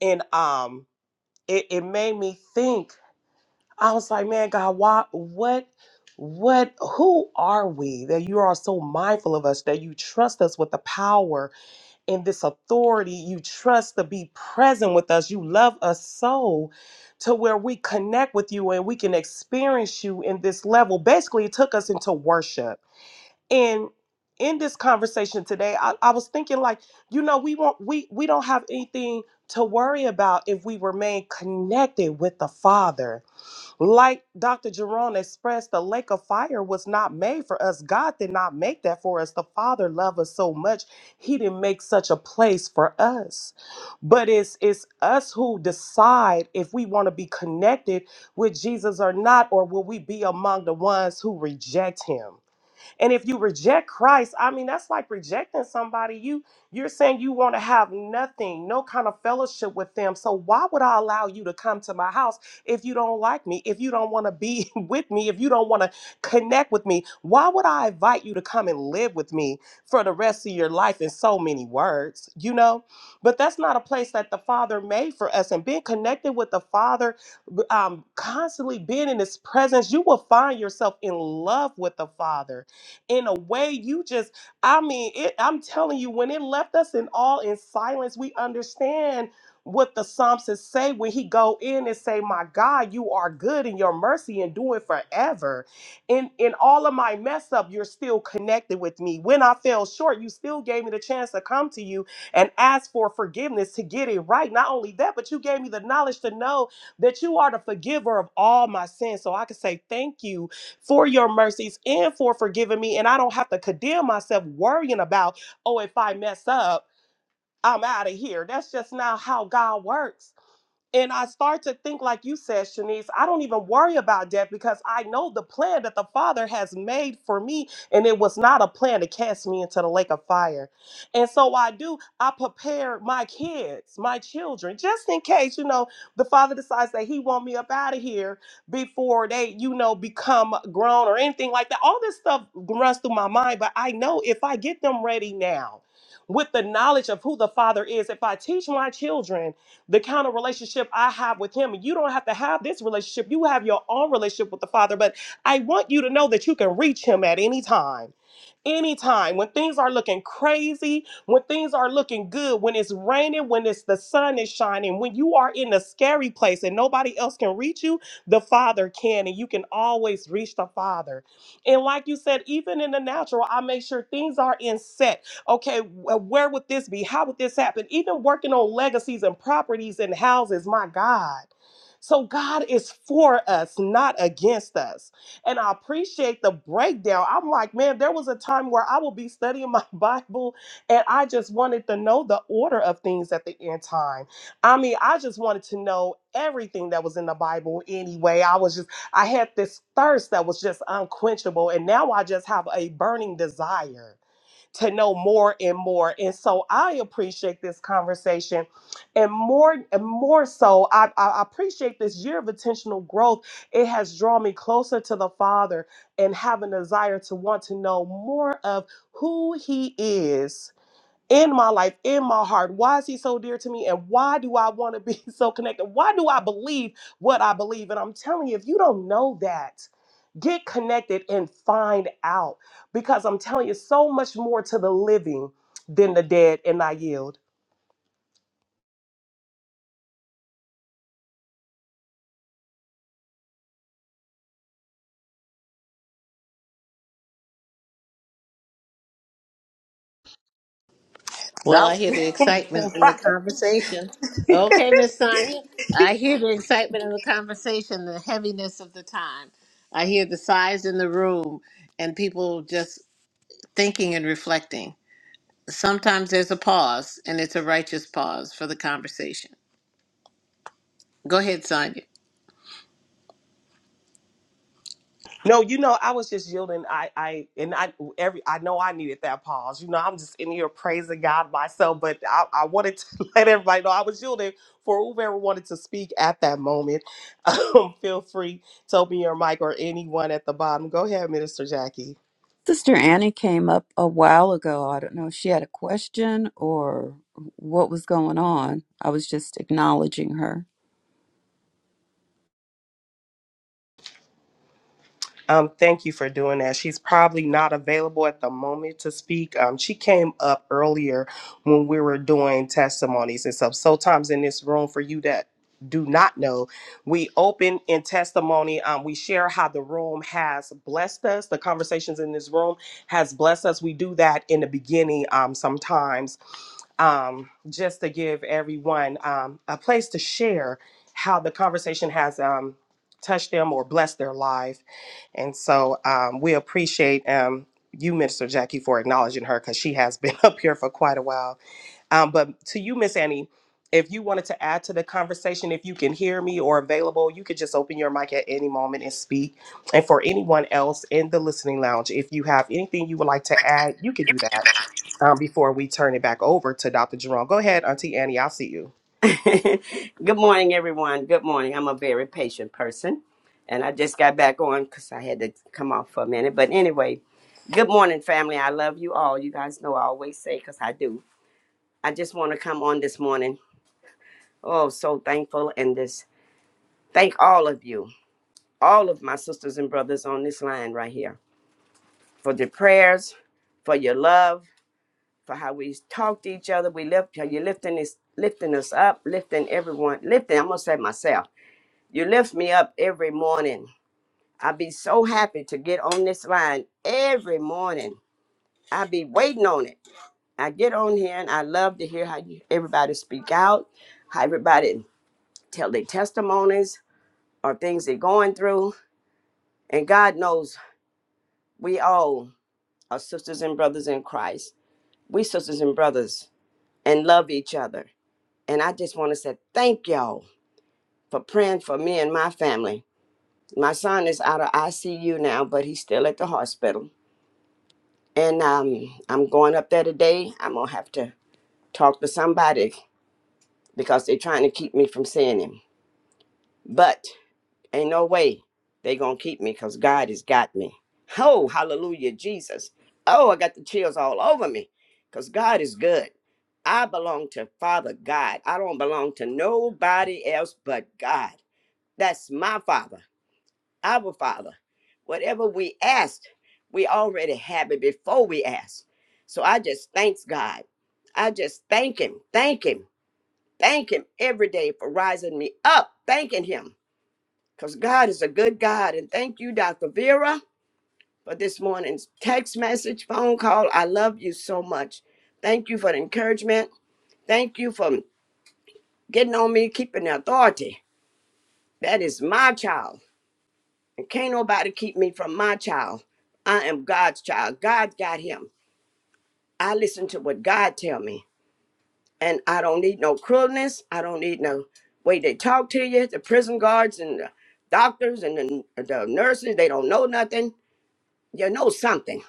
And um it, it made me think, I was like, man, God, why what what who are we that you are so mindful of us that you trust us with the power in this authority you trust to be present with us. You love us so to where we connect with you and we can experience you in this level. Basically, it took us into worship. And in this conversation today, I, I was thinking like, you know, we won't we we don't have anything to worry about if we remain connected with the Father like Dr. Jerome expressed, the lake of fire was not made for us. God did not make that for us. The Father loved us so much, He didn't make such a place for us. But it's it's us who decide if we want to be connected with Jesus or not, or will we be among the ones who reject Him. And if you reject Christ, I mean that's like rejecting somebody. You you're saying you want to have nothing, no kind of fellowship with them. So why would I allow you to come to my house if you don't like me, if you don't want to be <laughs> with me, if you don't want to connect with me? Why would I invite you to come and live with me for the rest of your life in so many words, you know? But that's not a place that the Father made for us. And being connected with the Father, b- um, constantly being in His presence, you will find yourself in love with the Father in a way you just I mean, it, I'm telling you, when it left us in all in silence, we understand what the psalmist say when he go in and say, "My God, you are good and your mercy and do it forever." In in all of my mess up, you're still connected with me. When I fell short, you still gave me the chance to come to you and ask for forgiveness to get it right. Not only that, but you gave me the knowledge to know that you are the forgiver of all my sins. So I can say thank you for your mercies and for forgiving me. And I don't have to condemn myself worrying about, oh, if I mess up, I'm out of here. That's just not how God works. And I start to think, like you said, Shanice, I don't even worry about death because I know the plan that the Father has made for me. And it was not a plan to cast me into the lake of fire. And so I do, I prepare my kids, my children, just in case, you know, the Father decides that He want me up out of here before they, you know, become grown or anything like that. All this stuff runs through my mind, but I know if I get them ready now with the knowledge of who the Father is, if I teach my children, the kind of relationship I have with him. And you don't have to have this relationship. You have your own relationship with the Father. But I want you to know that you can reach him at any time. Anytime when things are looking crazy, when things are looking good, when it's raining, when it's the sun is shining, when you are in a scary place and nobody else can reach you, the Father can, and you can always reach the Father. And like you said, even in the natural, I make sure things are in set okay, where would this be? How would this happen? Even working on legacies and properties and houses, my God. So God is for us, not against us. And I appreciate the breakdown. I'm like, man, there was a time where I will be studying my <laughs> Bible and I just wanted to know the order of things at the end time. I mean, I just wanted to know everything that was in the Bible anyway. I was just, I had this thirst that was just unquenchable. And now I just have a burning desire to know more and more. And so I appreciate this conversation. And more and more so, I, I appreciate this year of intentional growth. It has drawn me closer to the Father and have a desire to want to know more of who He is in my life, in my heart? Why is he so dear to me? And why do I want to be <laughs> so connected? Why do I believe what I believe? And I'm telling you, if you don't know that, get connected and find out because I'm telling you so much more to the living than the dead. And I yield.
Well, I
That
hear the excitement
was
in
<laughs>
the conversation. Okay, Miss Sonia. I hear the excitement in the conversation, the heaviness of the time. I hear the sighs in the room and people just thinking and reflecting. Sometimes there's a pause, and it's a righteous pause for the conversation. Go ahead, Sonia.
No, you know, I was just yielding. I, I, and I, every, I know I needed that pause. You know, I'm just in here praising God myself, but I, I wanted to <laughs> let everybody know I was yielding for whoever wanted to speak at that moment. <laughs> Um, feel free to open your mic or anyone at the bottom. Go ahead, Minister Jackie.
Sister Annie came up a while ago. I don't know if she had a question or what was going on. I was just acknowledging her.
Um, thank you for doing that. She's probably not available at the moment to speak. Um, she came up earlier when we were doing testimonies and stuff. Sometimes in this room, for you that do not know, we open in testimony. Um, we share how the room has blessed us. The conversations in this room has blessed us. We do that in the beginning um, sometimes um, just to give everyone um, a place to share how the conversation has um, touched them or blessed their life. And so um, we appreciate um, you, Minister Jackie, for acknowledging her because she has been <laughs> up here for quite a while um, but to you, Miss Annie, if you wanted to add to the conversation, if you can hear me or available, you could just open your mic at any moment and speak. And for anyone else in the listening lounge, if you have anything you would like
<laughs>
to add, you could
You
do
can do
that
that.
um, before we turn it back over to Dr. Jerome. Go ahead, Auntie Annie. I'll see you.
<laughs> good morning. Good, I'm a very patient person, and I want to come off for a minute. But anyway, good morning, family. I love you all. You guys know I always say because I do. I just want to come on this morning. Oh, so thankful and this. Thank all of you, all of my sisters and brothers on this line right here, for the prayers, for your love, for how we talk to each other. We lift how you're lifting this, lifting us up, lifting everyone, lifting. I'm gonna say myself. You lift me up every morning I be so happy to get on this line every morning. I be waiting on it. I get on here and I love to hear how you, everybody speak out, how everybody tell their testimonies or things they're going through. And God knows we all are sisters and brothers in Christ. We sisters and brothers and love each other. And I just want to say thank y'all for praying for me and my family. My son is out of ICU now, but he's still at the hospital and um, I'm going up there today. I'm gonna have to talk to somebody because they're trying to keep me from seeing him. But ain't no way they gonna keep me because God has got me. Oh, hallelujah, Jesus. Oh, I got the chills all over me because God is good. I belong to Father God. I don't belong to nobody else but God. That's my Father. Our Father, whatever we asked, we already have it before we ask. So I just thanks God. I just thank Him, thank Him, thank Him every day for rising me up, thanking Him. Because God is a good God. And thank you, Dr. Vera, for this morning's text message, phone call. I love you so much. Thank you for the encouragement. Thank you for getting on me, keeping the authority. That is my child. And Can't nobody keep me from my child. I am God's child. God got him. I listen to what God tell me. And I don't need no cruelness. I don't need no way they talk to you. The prison guards and the doctors and the, the nurses, they don't know nothing. You know something.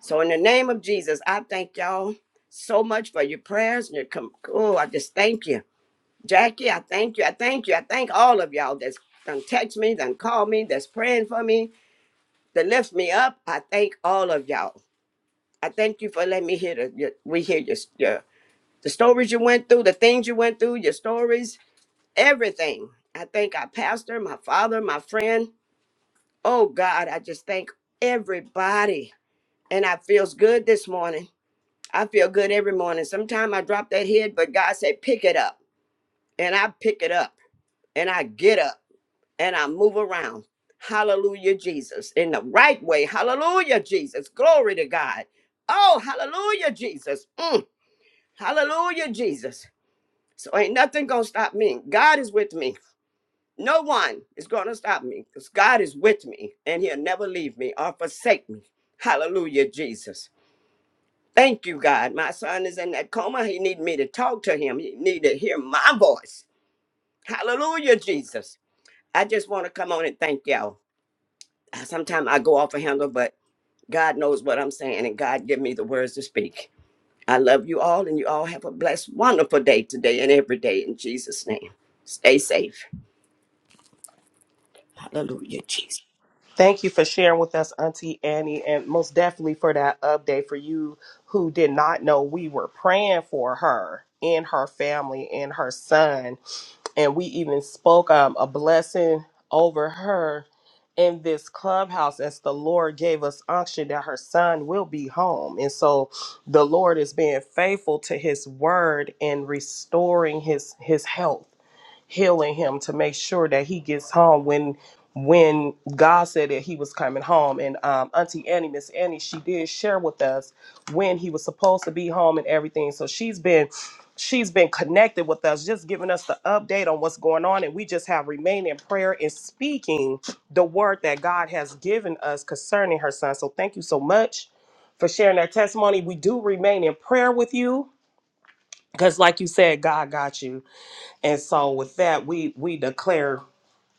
So in the name of Jesus, I thank y'all so much for your prayers and your com- oh, I just thank you. Jackie, I thank you. I thank you. I thank all of y'all that's done text me, done call me, that's praying for me that lifts me up. I thank all of y'all. I thank you for letting me hear the, your, we hear your, your the stories you went through, the things you went through, your stories, everything. I thank our pastor, my father, my friend. Oh God, I just thank everybody. And I feels good this morning. I feel good every morning. Sometimes I drop that head, but God said, pick it up. And I pick it up and I get up and I move around. Hallelujah, Jesus. In the right way. Hallelujah, Jesus. Glory to God. Oh, hallelujah, Jesus. Mm, hallelujah, Jesus. So ain't nothing gonna stop me. God is with me. No one is gonna stop me because God is with me and he'll never leave me or forsake me. Hallelujah, Jesus. Thank you, God. My son is in that coma. He need me to talk to him. He need to hear my voice. Hallelujah, Jesus. I just want to come on and thank y'all. sometimes I go off a handle, but God knows what I'm saying, and God give me the words to speak. I love you all, and you all have a blessed, wonderful day today and every day in Jesus' name. Stay safe. Hallelujah, Jesus.
Thank you for sharing with us, Auntie Annie, and most definitely for that update for you who did not know we were praying for her and her family and her son. And we even spoke um, a blessing over her in this clubhouse as the Lord gave us unction that her son will be home. And so the Lord is being faithful to his word and restoring his his health healing him to make sure that he gets home when when God said that he was coming home. And um, Auntie Annie, Miss Annie, she did share with us when he was supposed to be home and everything. So she's been she's been connected with us, just giving us the update on what's going on. And we just have remained in prayer and speaking the word that God has given us concerning her son. So thank you so much for sharing that testimony. We do remain in prayer with you because like you said, God got you. And so with that, we we declare,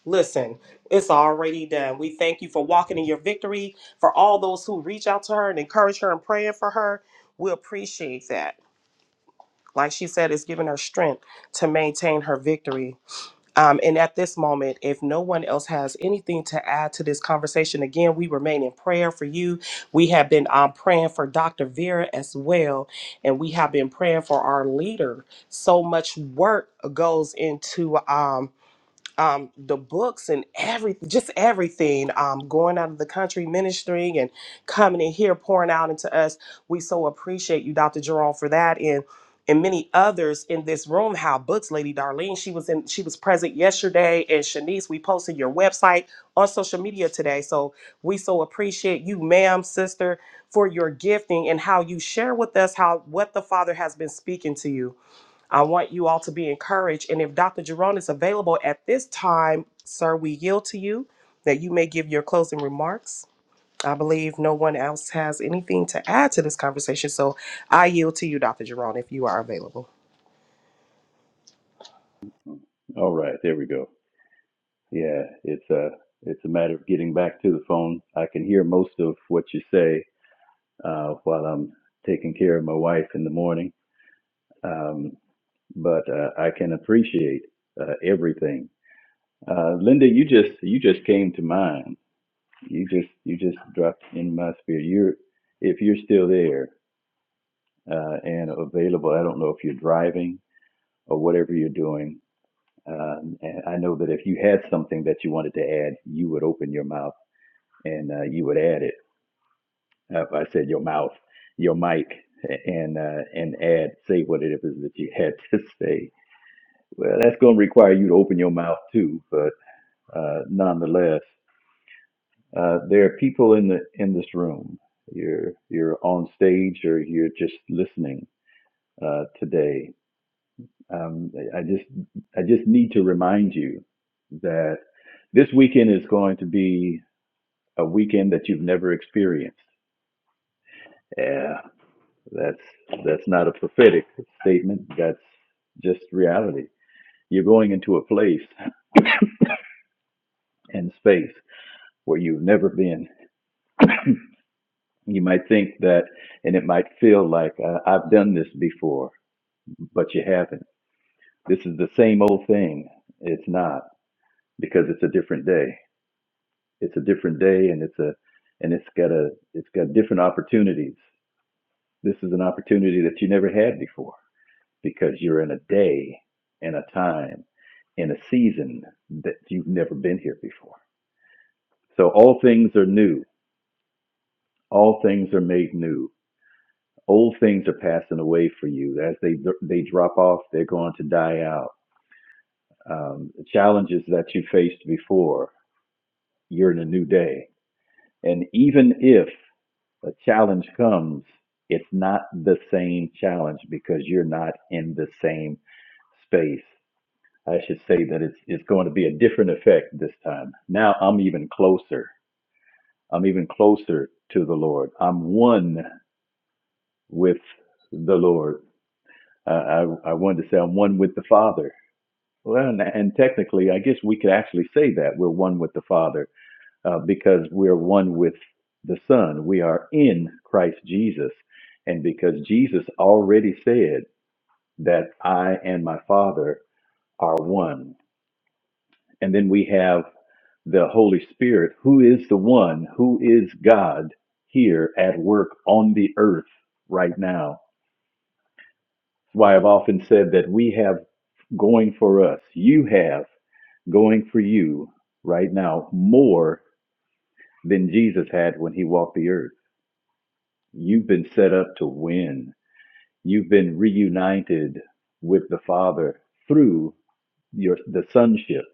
listen, it's already done. We thank you for walking in your victory. For all those who reach out to her and encourage her and praying for her, we appreciate that. Like she said, it's giving her strength to maintain her victory. Um, and at this moment, if no one else has anything to add to this conversation, again, we remain in prayer for you. We have been um, praying for Dr. Vera as well, and we have been praying for our leader. So much work goes into. Um, um, the books and every just everything um, going out of the country ministering and coming in here pouring out into us we so appreciate you dr jerome for that and and many others in this room how books lady darlene she was in she was present yesterday and shanice we posted your website on social media today so we so appreciate you ma'am sister for your gifting and how you share with us how what the father has been speaking to you I want you all to be encouraged. And if Dr. Jerome is available at this time, sir, we yield to you that you may give your closing remarks. I believe no one else has anything to add to this conversation. So I yield to you, Dr. Jerome, if you are available.
All right, there we go. Yeah, it's a it's a matter of getting back to the phone. I can hear most of what you say uh, while I'm taking care of my wife in the morning, um, but uh, I can appreciate uh, everything. Uh, Linda, you just you just came to mind you just you just dropped in my spirit. You're if you're still there uh, and available. I don't know if you're driving or whatever you're doing. Um, and I know that if you had something that you wanted to add, you would open your mouth and uh, you would add it. Uh, I said your mouth, your mic, and uh, and add say what it is that you <laughs> had to say. Well, that's going to require you to open your mouth too, but uh, nonetheless. Uh, there are people in the in this room. You're you're on stage or you're just listening uh, today. Um, I just I just need to remind you that this weekend is going to be a weekend that you've never experienced. Yeah, that's that's not a prophetic statement. That's just reality. You're going into a place and space where you've never been. You might think that, and it might feel like uh, I've done this before but you haven't. This is the same old thing. It's not because it's a different day. It's a different day, and it's a and it's got a it's got different opportunities. This is an opportunity that you never had before because you're in a day and a time in a season that you've never been here before. So all things are new. All things are made new. Old things are passing away for you. As they they drop off, they're going to die out. Um, the challenges that you faced before, you're in a new day. And even if a challenge comes, it's not the same challenge because you're not in the same space. I should say that it's, it's going to be a different effect this time. Now I'm even closer. I'm even closer to the Lord. I'm one with the Lord. Uh, I, I wanted to say I'm one with the Father. Well, and, and technically, I guess we could actually say that we're one with the Father uh, because we're one with the Son. We are in Christ Jesus. And because Jesus already said that I and my Father are one. And then we have the Holy Spirit, who is the one, who is God here at work on the earth right now. That's why I've often said that we have going for us, you have going for you right now more than Jesus had when he walked the earth You've been set up to win. You've been reunited with the Father through your the sonship.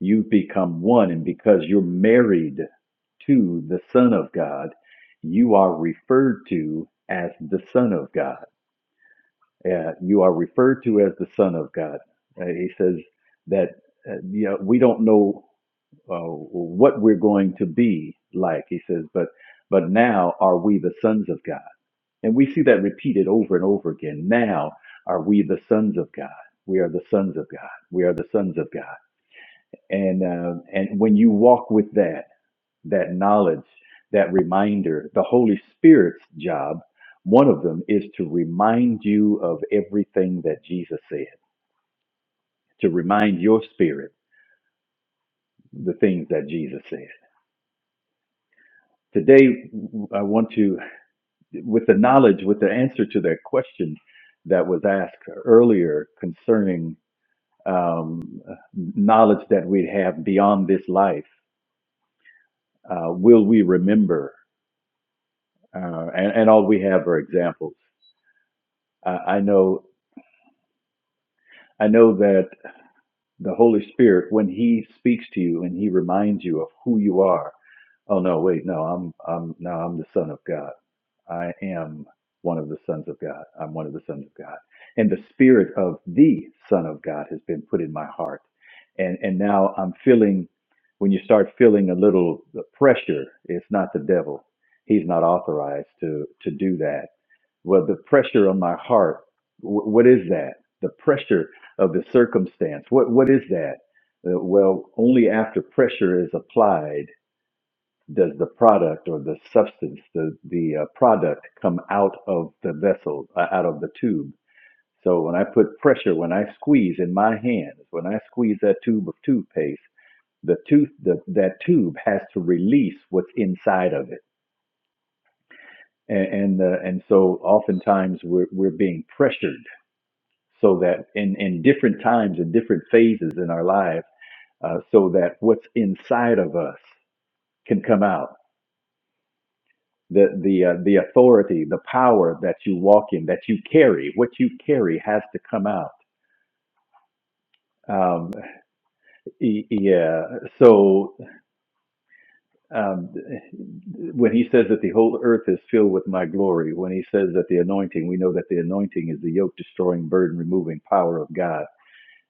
You've become one, and because you're married to the Son of God, you are referred to as the Son of God. Uh, you are referred to as the Son of God. Uh, he says that uh, you know, we don't know uh, what we're going to be like. He says, but but now are we the sons of God? And we see that repeated over and over again. Now are we the sons of God? We are the sons of God. We are the sons of God. And uh, and when you walk with that that knowledge, that reminder, the Holy Spirit's job, one of them is to remind you of everything that Jesus said. To remind your spirit the things that Jesus said. Today, I want to, with the knowledge, with the answer to that question that was asked earlier concerning um, knowledge that we have beyond this life, uh, will we remember? Uh, and, and all we have are examples. I I know, I know that the Holy Spirit, when He speaks to you and He reminds you of who you are, oh no, wait, no, I'm, I'm, no, I'm the Son of God. I am one of the sons of God. I'm one of the sons of God. And the Spirit of the Son of God has been put in my heart, and and now I'm feeling. When you start feeling a little pressure, it's not the devil. He's not authorized to to do that well the pressure on my heart wh- what is that the pressure of the circumstance. What what is that? Uh, well, only after pressure is applied does the product or the substance, the the uh, product, come out of the vessel, uh, out of the tube. So when I put pressure, when I squeeze in my hands, when I squeeze that tube of toothpaste, the tooth the, that tube has to release what's inside of it, and and, uh, and so oftentimes we're we're being pressured so that in in different times and different phases in our lives uh, so that what's inside of us can come out. The the uh, the authority, the power that you walk in, that you carry, what you carry has to come out. Um, y- yeah. So um, when he says that the whole earth is filled with my glory, when he says that the anointing, we know that the anointing is the yoke destroying, burden removing power of God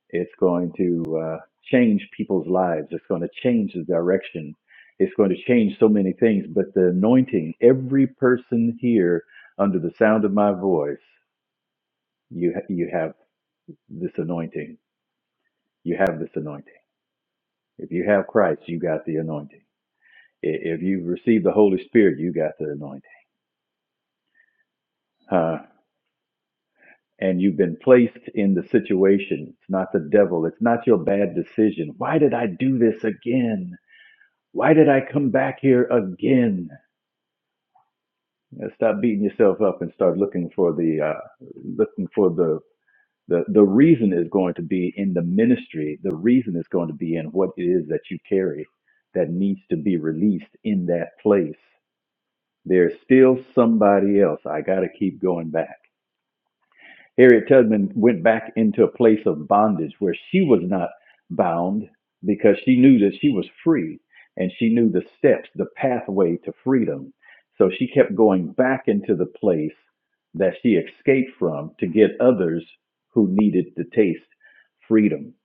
It's going to uh, change people's lives. It's going to change the direction. It's going to change so many things. But the anointing, every person here under the sound of my voice, you ha- you have this anointing. You have this anointing. If you have Christ, you got the anointing. I- If you've received the Holy Spirit, you got the anointing. Uh, and you've been placed in the situation. It's not the devil. It's not your bad decision. Why did I do this again? Why did I come back here again? Uh, Stop beating yourself up and start looking for the uh, looking for the, the the reason is going to be in the ministry. The reason is going to be in what it is that you carry that needs to be released in that place. There's still somebody else. I got to keep going back. Harriet Tubman went back into a place of bondage where she was not bound because she knew that she was free and she knew the steps, the pathway to freedom. So she kept going back into the place that she escaped from to get others who needed to taste freedom.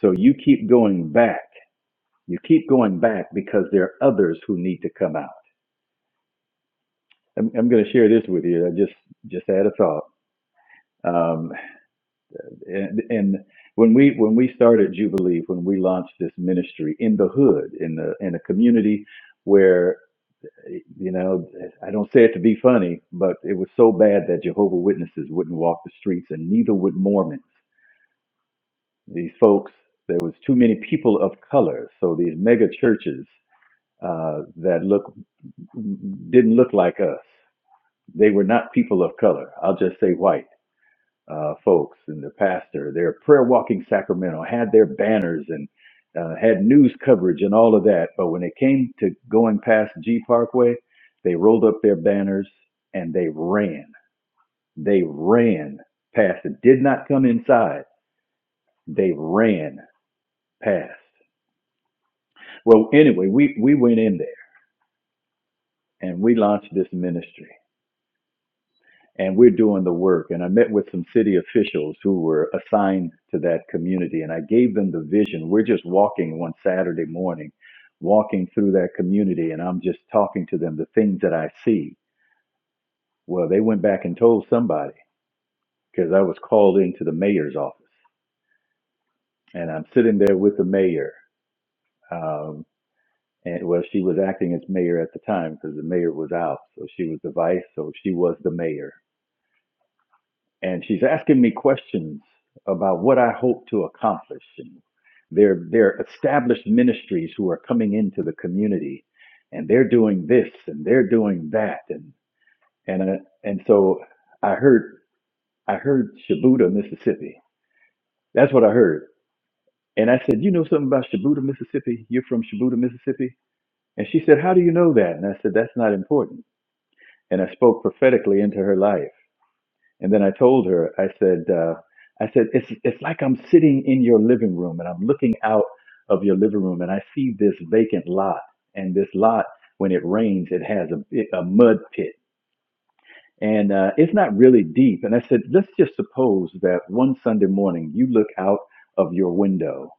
So you keep going back. You keep going back because there are others who need to come out. I'm, I'm going to share this with you. I just just had a thought. Um, and, and when we when we started Jubilee, when we launched this ministry in the hood, in the in a community where you know I don't say it to be funny, but it was so bad that Jehovah Witnesses wouldn't walk the streets, and neither would Mormons. These folks, there was too many people of color, so these mega churches uh, that look didn't look like us. They were not people of color. I'll just say white uh, folks and the pastor, their prayer walking Sacramento had their banners and uh, had news coverage and all of that. But when it came to going past G Parkway, they rolled up their banners and they ran. They ran past it. Did not come inside. They ran past. Well, anyway, we we went in there and we launched this ministry. and we're doing the work. And I met with some city officials who were assigned to that community, and I gave them the vision. We're just walking one Saturday morning, walking through that community, and I'm just talking to them the things that I see. Well, they went back and told somebody because I was called into the mayor's office, and I'm sitting there with the mayor. Um, and well, she was acting as mayor at the time because the mayor was out, so she was the vice, so she was the mayor and she's asking me questions about what I hope to accomplish. And they're, they're established ministries who are coming into the community and they're doing this and they're doing that. And, and, uh, and so I heard, I heard Shibuda, Mississippi. That's what I heard. And I said, you know something about Shibuda, Mississippi? You're from Shibuda, Mississippi? And she said, how do you know that? And I said, that's not important. And I spoke prophetically into her life. And then I told her, I said, uh, I said, it's it's like I'm sitting in your living room and I'm looking out of your living room and I see this vacant lot. And this lot, when it rains, it has a bit- a mud pit and uh, it's not really deep. And I said, let's just suppose that one Sunday morning you look out of your window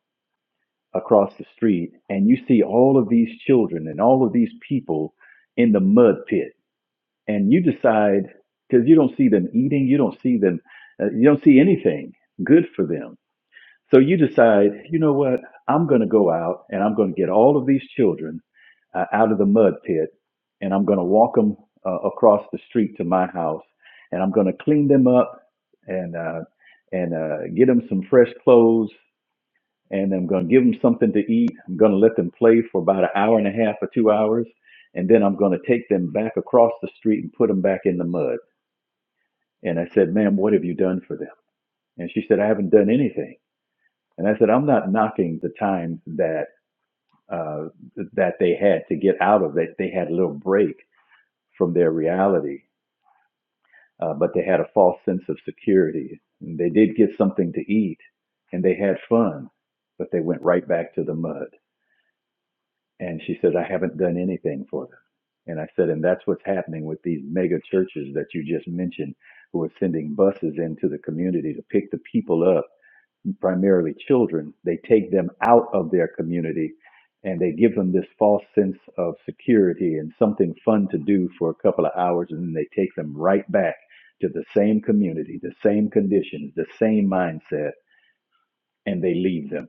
across the street and you see all of these children and all of these people in the mud pit and you decide because you don't see them eating, you don't see them, uh, you don't see anything good for them. So you decide, you know what? I'm going to go out and I'm going to get all of these children uh, out of the mud pit and I'm going to walk them uh, across the street to my house and I'm going to clean them up and uh, and uh, get them some fresh clothes and I'm going to give them something to eat. I'm going to let them play for about an hour and a half or two hours, and then I'm going to take them back across the street and put them back in the mud. And I said, Ma'am, what have you done for them? And she said, I haven't done anything. And I said, I'm not knocking the time that uh, that they had to get out of it. They had a little break from their reality, uh, but they had a false sense of security. And they did get something to eat, and they had fun, but they went right back to the mud. And she says, I haven't done anything for them. And I said, and that's what's happening with these mega churches that you just mentioned, who are sending buses into the community to pick the people up, primarily children. They take them out of their community and they give them this false sense of security and something fun to do for a couple of hours. And then they take them right back to the same community, the same conditions, the same mindset, and they leave them.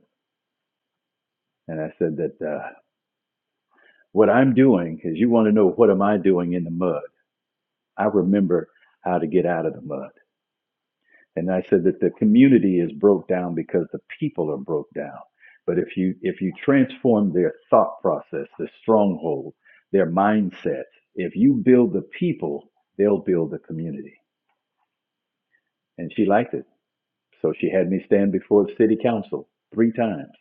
And I said that. Uh, What I'm doing is you want to know what am I doing in the mud? I remember how to get out of the mud. And I said that the community is broke down because the people are broke down. But if you if you transform their thought process, their stronghold, their mindset, if you build the people, they'll build the community. And she liked it. So she had me stand before the city council three times.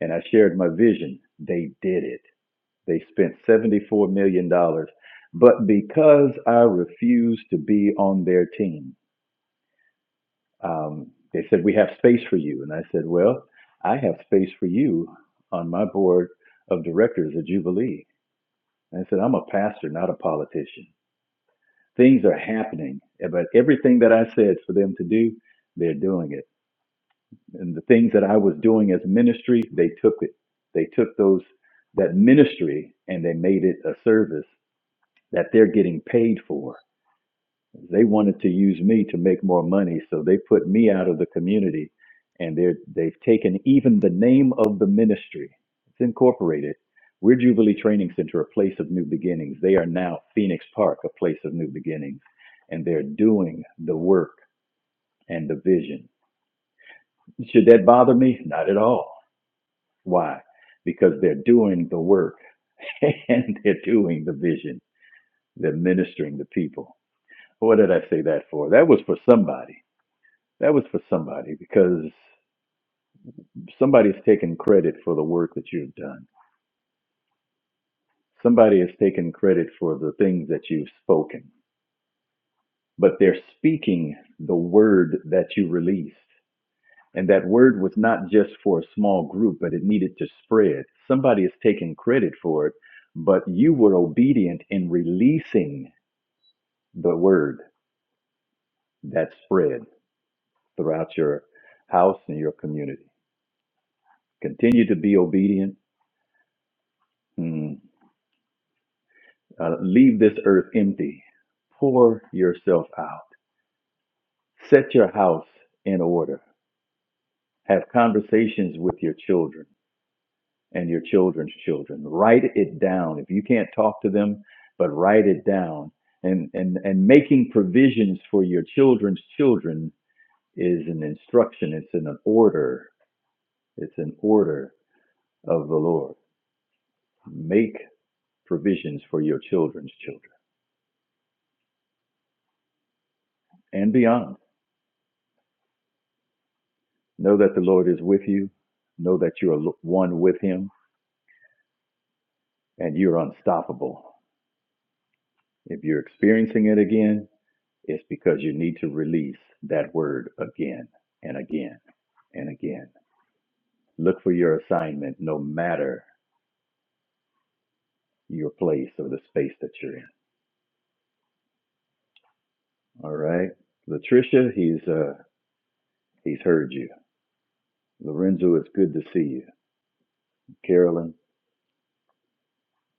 And I shared my vision. They did it. They spent $74 million. dollars. But because I refused to be on their team, um, they said, We have space for you. And I said, Well, I have space for you on my board of directors at Jubilee. And I said, I'm a pastor, not a politician. Things are happening, but everything that I said for them to do, they're doing it. And the things that I was doing as ministry, they took it. They took those that ministry and they made it a service that they're getting paid for. They wanted to use me to make more money, so they put me out of the community, and they're they've taken even the name of the ministry. It's incorporated. We're Jubilee Training Center, a place of new beginnings. They are now Phoenix Park, a place of new beginnings, and they're doing the work and the vision. Should that bother me? Not at all. Why? Because they're doing the work <laughs> and they're doing the vision. They're ministering to people. What did I say that for? That was for somebody. That was for somebody because somebody somebody's taken credit for the work that you've done. Somebody has taken credit for the things that you've spoken, but they're speaking the word that you released. And that word was not just for a small group, but it needed to spread. Somebody is taking credit for it, but you were obedient in releasing the word that spread throughout your house and your community. Continue to be obedient Mm. Uh, leave this earth empty. Pour yourself out. Set your house in order. Have conversations with your children and your children's children. Write it down. If you can't talk to them, but write it down. And, and, and making provisions for your children's children is an instruction. It's an order. It's an order of the Lord. Make provisions for your children's children and beyond Know that the Lord is with you. Know that you are one with Him and you're unstoppable. If you're experiencing it again, it's because you need to release that word again and again and again. Look for your assignment no matter your place or the space that you're in. All right. Latricia, he's uh he's heard you. Lorenzo, it's good to see you. Carolyn,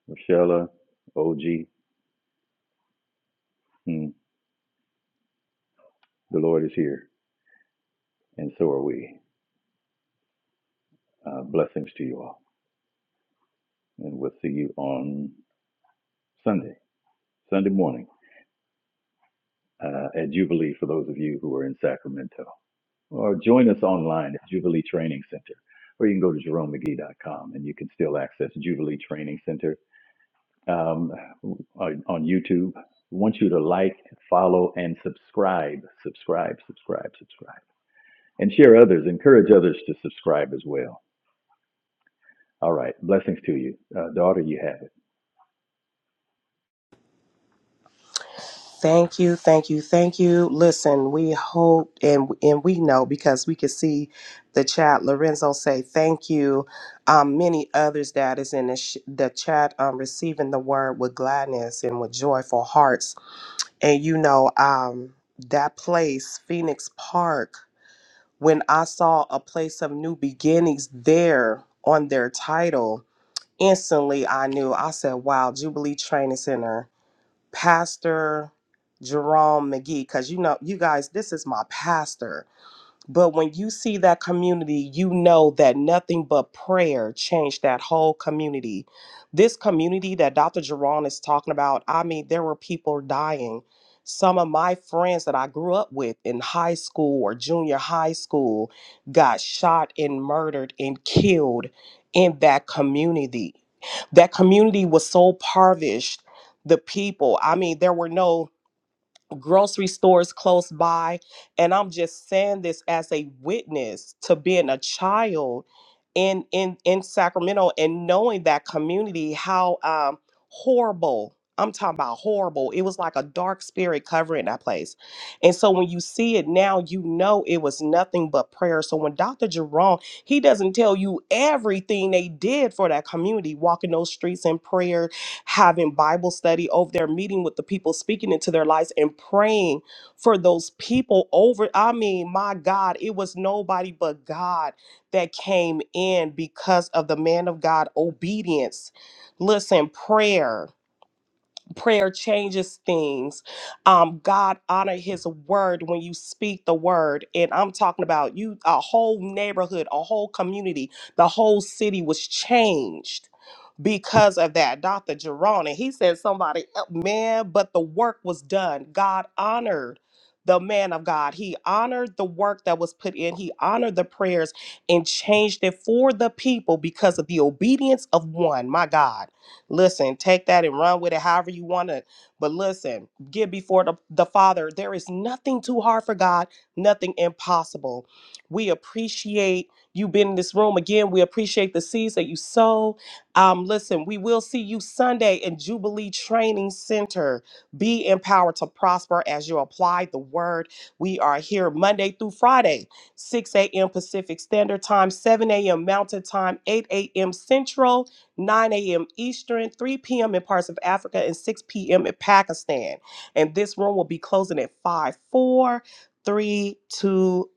Michelle, OG, hmm, the Lord is here, and so are we. Uh, blessings to you all. and we'll see you on Sunday, Sunday morning uh, at Jubilee for those of you who are in Sacramento. Or join us online at Jubilee Training Center, or you can go to jeromemcgee.com and you can still access Jubilee Training Center um, on, on YouTube. We want you to like, follow, and subscribe, subscribe, subscribe, subscribe, and share others. Encourage others to subscribe as well. All right, blessings to you, uh, daughter. You have it.
Thank you, thank you, thank you. Listen, we hope and and we know because we could see the chat. Lorenzo say thank you. Um, many others that is in the, sh- the chat um, receiving the word with gladness and with joyful hearts. And you know um, that place, Phoenix Park. When I saw a place of new beginnings there on their title, instantly I knew. I said, "Wow, Jubilee Training Center." Pastor Jerome McGee, because you know, you guys, this is my pastor. But when you see that community, you know that nothing but prayer changed that whole community. This community that Dr. Jerron is talking about, I mean, there were people dying. Some of my friends that I grew up with in high school or junior high school got shot and murdered and killed in that community. That community was so parvished. The people, I mean, there were no grocery stores close by. And I'm just saying this as a witness to being a child in in in Sacramento and knowing that community, how um horrible. I'm talking about horrible. It was like a dark spirit covering that place. And so when you see it now, you know it was nothing but prayer. So when Dr. Jerome, he doesn't tell you everything they did for that community, walking those streets in prayer having Bible study over there, meeting with the people, speaking into their lives, and praying for those people over. I mean, my God, it was nobody but God that came in because of the man of God obedience. Listen, prayer. Prayer changes things. Um, God honor his word when you speak the word. And I'm talking about you, a whole neighborhood, a whole community, the whole city was changed because of that. Dr. Jerome, and he said somebody, el- man, but the work was done. God honored the man of God. He honored the work that was put in. He honored the prayers and changed it for the people because of the obedience of one. My God. Listen, take that and run with it however you want to. But listen, get before the, the Father. There is nothing too hard for God, nothing impossible. We appreciate you being in this room again. We appreciate the seeds that you sow. Um, listen, we will see you Sunday in Jubilee Training Center. Be empowered to prosper as you apply the word. We are here Monday through Friday, 6 a.m. Pacific Standard Time, 7 a.m. Mountain Time, 8 a.m. Central, 9 a.m. Eastern, 3 p.m. in parts of Africa, and 6 p.m. in Pakistan. And this room will be closing at five, four, three, two, one.